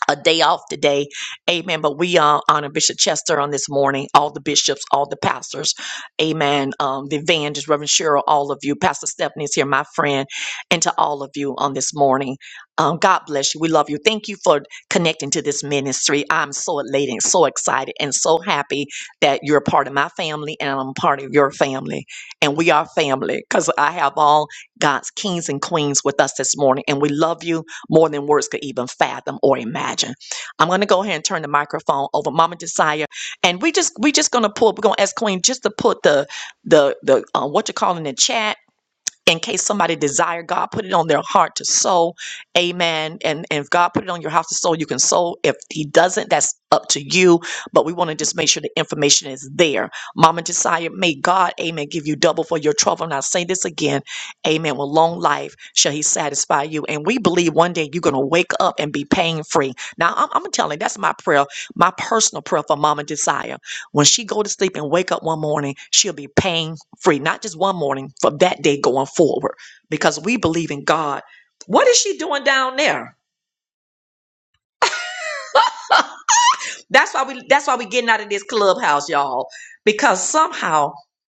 Speaker 1: a day off today. Amen. But we uh, honor Bishop Chester on this morning, all the bishops, all the pastors. Amen. Um, the evangelists, Reverend Cheryl, all of you. Pastor Stephanie's here, my friend, and to all of you on this morning. Um, God bless you. We love you. Thank you for connecting to this ministry. I'm so elated, and so excited, and so happy that you're a part of my family and I'm a part of your family. And we are family because I have all God's kings and queens with us this morning. And we love you more than words could even fathom or imagine. I'm gonna go ahead and turn the microphone over, Mama Desire, and we just we just gonna pull. We're gonna ask Queen just to put the the the uh, what you call in the chat in case somebody desire God put it on their heart to sow amen and, and if God put it on your house to sow you can sow if he doesn't that's up to you but we want to just make sure the information is there mama desire may God amen give you double for your trouble and I say this again amen with long life shall he satisfy you and we believe one day you're gonna wake up and be pain free now I'm, I'm telling you, that's my prayer my personal prayer for mama desire when she go to sleep and wake up one morning she'll be pain free, not just one morning, for that day going forward, because we believe in God. What is she doing down there? That's why we that's why we getting out of this clubhouse, y'all. Because somehow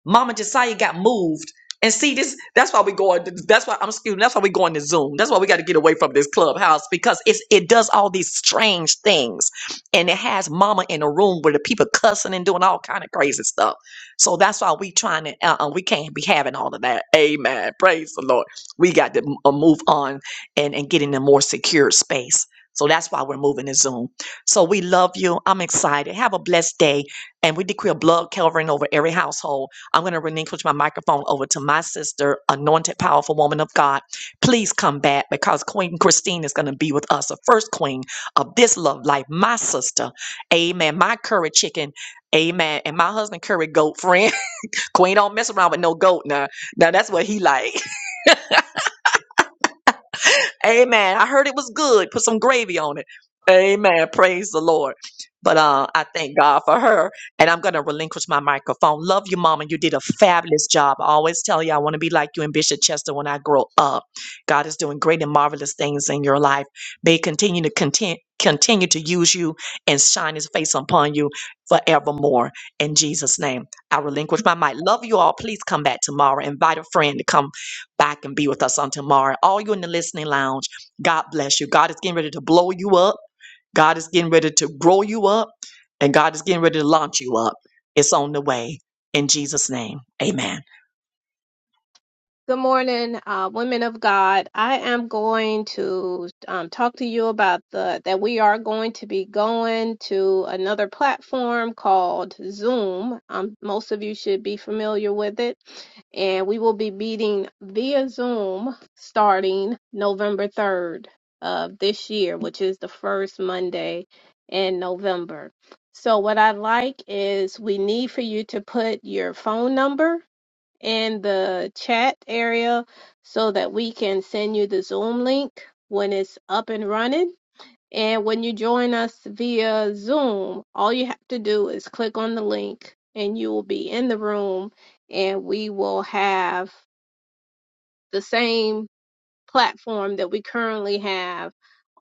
Speaker 1: Mama Josiah got moved. And see this that's why we going that's why I'm excuse me, that's why we going to Zoom. That's why we got to get away from this clubhouse because it's it does all these strange things. And it has mama in a room where the people cussing and doing all kind of crazy stuff. So that's why we trying to uh, uh, we can't be having all of that. Amen. Praise the Lord. We got to uh, move on and and get in a more secure space. So that's why we're moving to Zoom. So we love you. I'm excited. Have a blessed day. And we decree a blood covering over every household. I'm going to relinquish my microphone over to my sister, anointed, powerful woman of God. Please come back because Queen Christine is going to be with us, the first queen of this love life, my sister. Amen. My curry chicken. Amen. And my husband curry goat friend. queen don't mess around with no goat now. Now that's what he like. Amen. I heard it was good. Put some gravy on it. Amen. Praise the Lord. But uh, I thank God for her. And I'm going to relinquish my microphone. Love you, Mama. You did a fabulous job. I always tell you, I want to be like you and Bishop Chester when I grow up. God is doing great and marvelous things in your life. May He continue to content, continue to use you and shine His face upon you forevermore. In Jesus' name, I relinquish my mic. Love you all. Please come back tomorrow. Invite a friend to come back and be with us on tomorrow. All you in the listening lounge, God bless you. God is getting ready to blow you up. God is getting ready to grow you up. And God is getting ready to launch you up. It's on the way. In Jesus' name, amen.
Speaker 3: Good morning, uh, women of God. I am going to um, talk to you about the that we are going to be going to another platform called Zoom. Um, most of you should be familiar with it, and we will be meeting via Zoom starting November 3rd of this year, which is the first Monday in November. So, what I'd like is we need for you to put your phone number in the chat area so that we can send you the Zoom link when it's up and running. And when you join us via Zoom, all you have to do is click on the link and you will be in the room and we will have the same platform that we currently have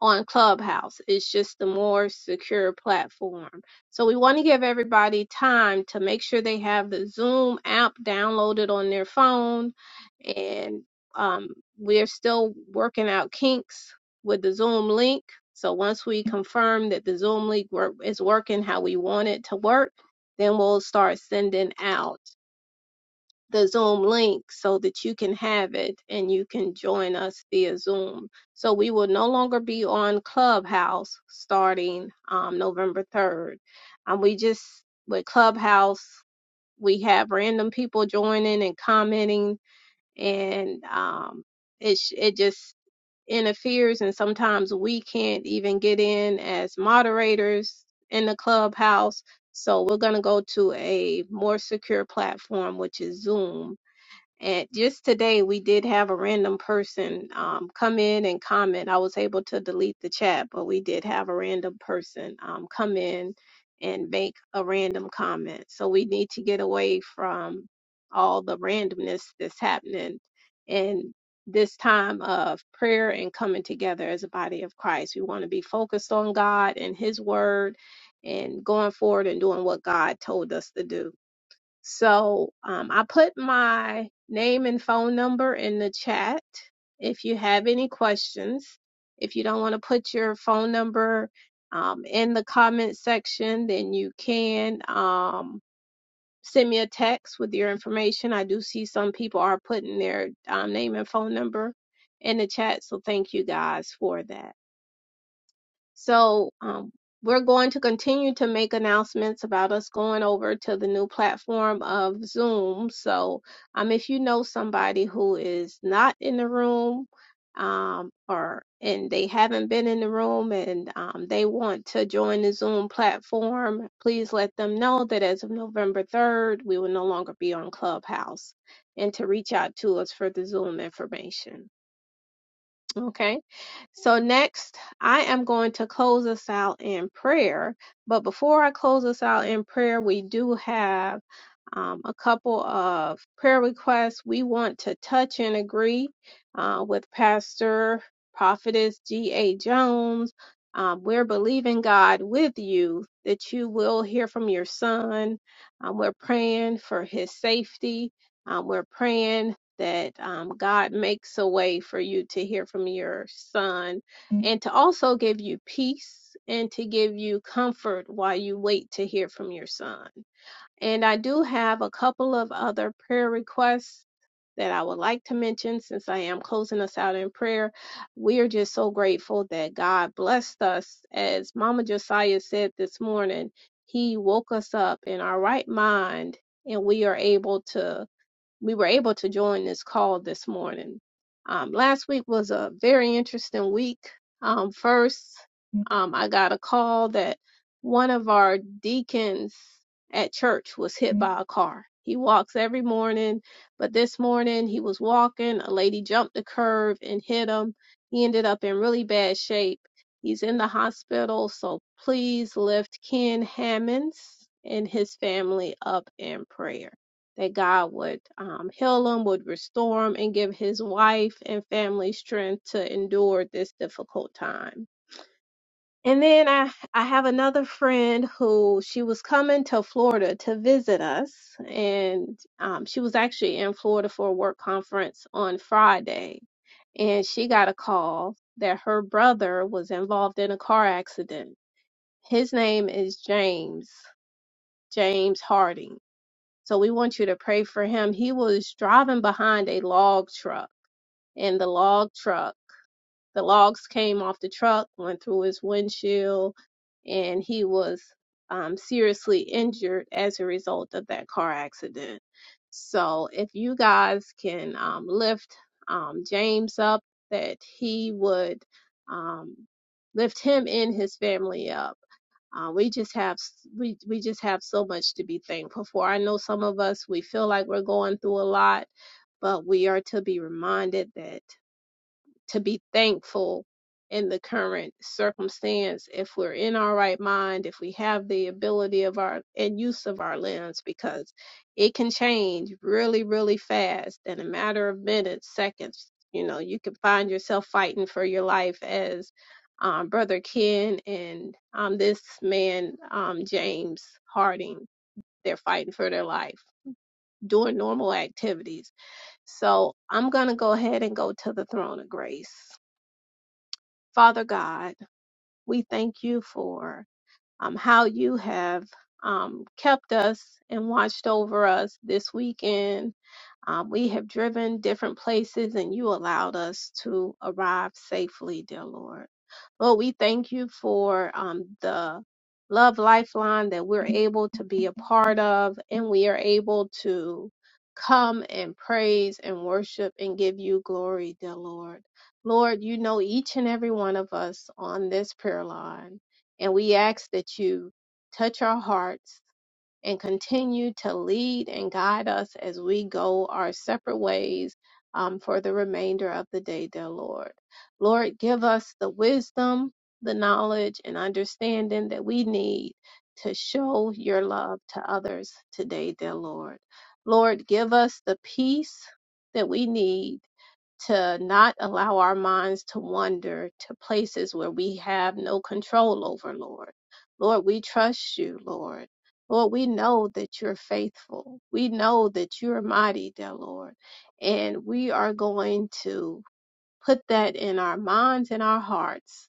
Speaker 3: on Clubhouse. It's just the more secure platform. So we want to give everybody time to make sure they have the Zoom app downloaded on their phone. And um, we're still working out kinks with the Zoom link. So once we confirm that the Zoom link work is working how we want it to work, then we'll start sending out the Zoom link so that you can have it and you can join us via Zoom. So we will no longer be on Clubhouse starting um, November 3rd. Um, we just, with Clubhouse, we have random people joining and commenting, and um, it, sh- it just interferes. And sometimes we can't even get in as moderators in the Clubhouse. So we're going to go to a more secure platform, which is Zoom and just today, we did have a random person um, come in and comment. I was able to delete the chat, but we did have a random person um, come in and make a random comment. So we need to get away from all the randomness that's happening in this time of prayer and coming together as a body of Christ. We want to be focused on God and His Word and going forward and doing what God told us to do. So um, I put my name and phone number in the chat if you have any questions. If you don't want to put your phone number um, in the comment section, then you can um, send me a text with your information. I do see some people are putting their um, name and phone number in the chat, so thank you guys for that. So um, we're going to continue to make announcements about us going over to the new platform of Zoom. So um, if you know somebody who is not in the room, um, or and they haven't been in the room and um, they want to join the Zoom platform, please let them know that as of November 3rd, we will no longer be on Clubhouse and to reach out to us for the Zoom information. Okay. So next, I am going to close us out in prayer. But before I close us out in prayer, we do have um, a couple of prayer requests. We want to touch and agree uh, with Pastor Prophetess G.A. Jones. Um, we're believing God with you that you will hear from your son. Um, we're praying for his safety. Um, we're praying that um, God makes a way for you to hear from your son and to also give you peace and to give you comfort while you wait to hear from your son. And I do have a couple of other prayer requests that I would like to mention since I am closing us out in prayer. We are just so grateful that God blessed us. As Mama Josiah said this morning, He woke us up in our right mind and we are able to we were able to join this call this morning. Um, last week was a very interesting week. Um, first, um, I got a call that one of our deacons at church was hit by a car. He walks every morning, but this morning he was walking. A lady jumped the curve and hit him. He ended up in really bad shape. He's in the hospital, so please lift Ken Hammonds and his family up in prayer that God would um, heal him, would restore him, and give his wife and family strength to endure this difficult time. And then I, I have another friend who she was coming to Florida to visit us, and um, she was actually in Florida for a work conference on Friday, and she got a call that her brother was involved in a car accident. His name is James, James Harding so we want you to pray for him. He was driving behind a log truck, and the log truck, the logs came off the truck, went through his windshield, and he was um, seriously injured as a result of that car accident. So if you guys can um, lift um, James up, that he would um, lift him and his family up. Uh, we just have we we just have so much to be thankful for. I know some of us we feel like we're going through a lot, but we are to be reminded that to be thankful in the current circumstance if we're in our right mind if we have the ability of our and use of our lens because it can change really really fast in a matter of minutes seconds you know you can find yourself fighting for your life as um, brother ken and um, this man um, james harding they're fighting for their life doing normal activities so i'm going to go ahead and go to the throne of grace Father God, we thank you for um, how you have um, kept us and watched over us this weekend. Um, we have driven different places and you allowed us to arrive safely, dear Lord. Lord, we thank you for um, the Love Lifeline that we're able to be a part of and we are able to come and praise and worship and give you glory, dear Lord. Lord, you know each and every one of us on this prayer line. And we ask that you touch our hearts and continue to lead and guide us as we go our separate ways um, for the remainder of the day, dear Lord. Lord, give us the wisdom, the knowledge, and understanding that we need to show your love to others today, dear Lord. Lord, give us the peace that we need to not allow our minds to wander to places where we have no control over, Lord. Lord, we trust you, Lord. Lord, we know that you're faithful. We know that you're mighty, dear Lord. And we are going to put that in our minds and our hearts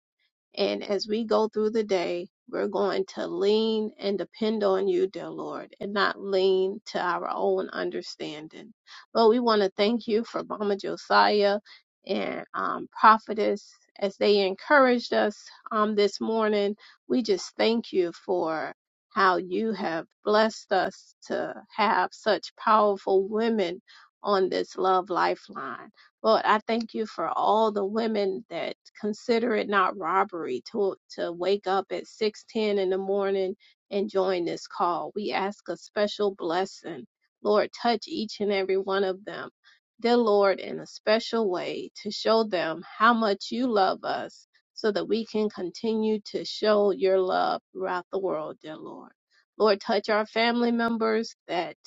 Speaker 3: and as we go through the day, we're going to lean and depend on you, dear Lord, and not lean to our own understanding. Lord, we want to thank you for Mama Josiah and um, Prophetess as they encouraged us um, this morning. We just thank you for how you have blessed us to have such powerful women on this love lifeline. Lord, I thank you for all the women that consider it not robbery to to wake up at 6:10 in the morning and join this call. We ask a special blessing. Lord, touch each and every one of them. Dear Lord, in a special way to show them how much you love us so that we can continue to show your love throughout the world, dear Lord. Lord, touch our family members that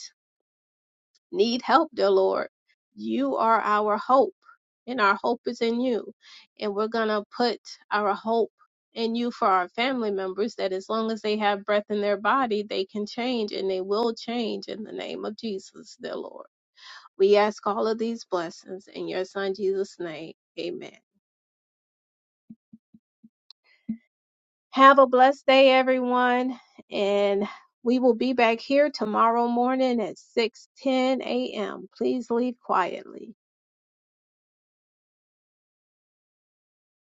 Speaker 3: need help, dear Lord. You are our hope, and our hope is in you. And we're going to put our hope in you for our family members that as long as they have breath in their body, they can change and they will change in the name of Jesus, dear Lord. We ask all of these blessings in your son Jesus' name. Amen. Have a blessed day, everyone. And we will be back here tomorrow morning at 6:10 a.m. Please leave quietly.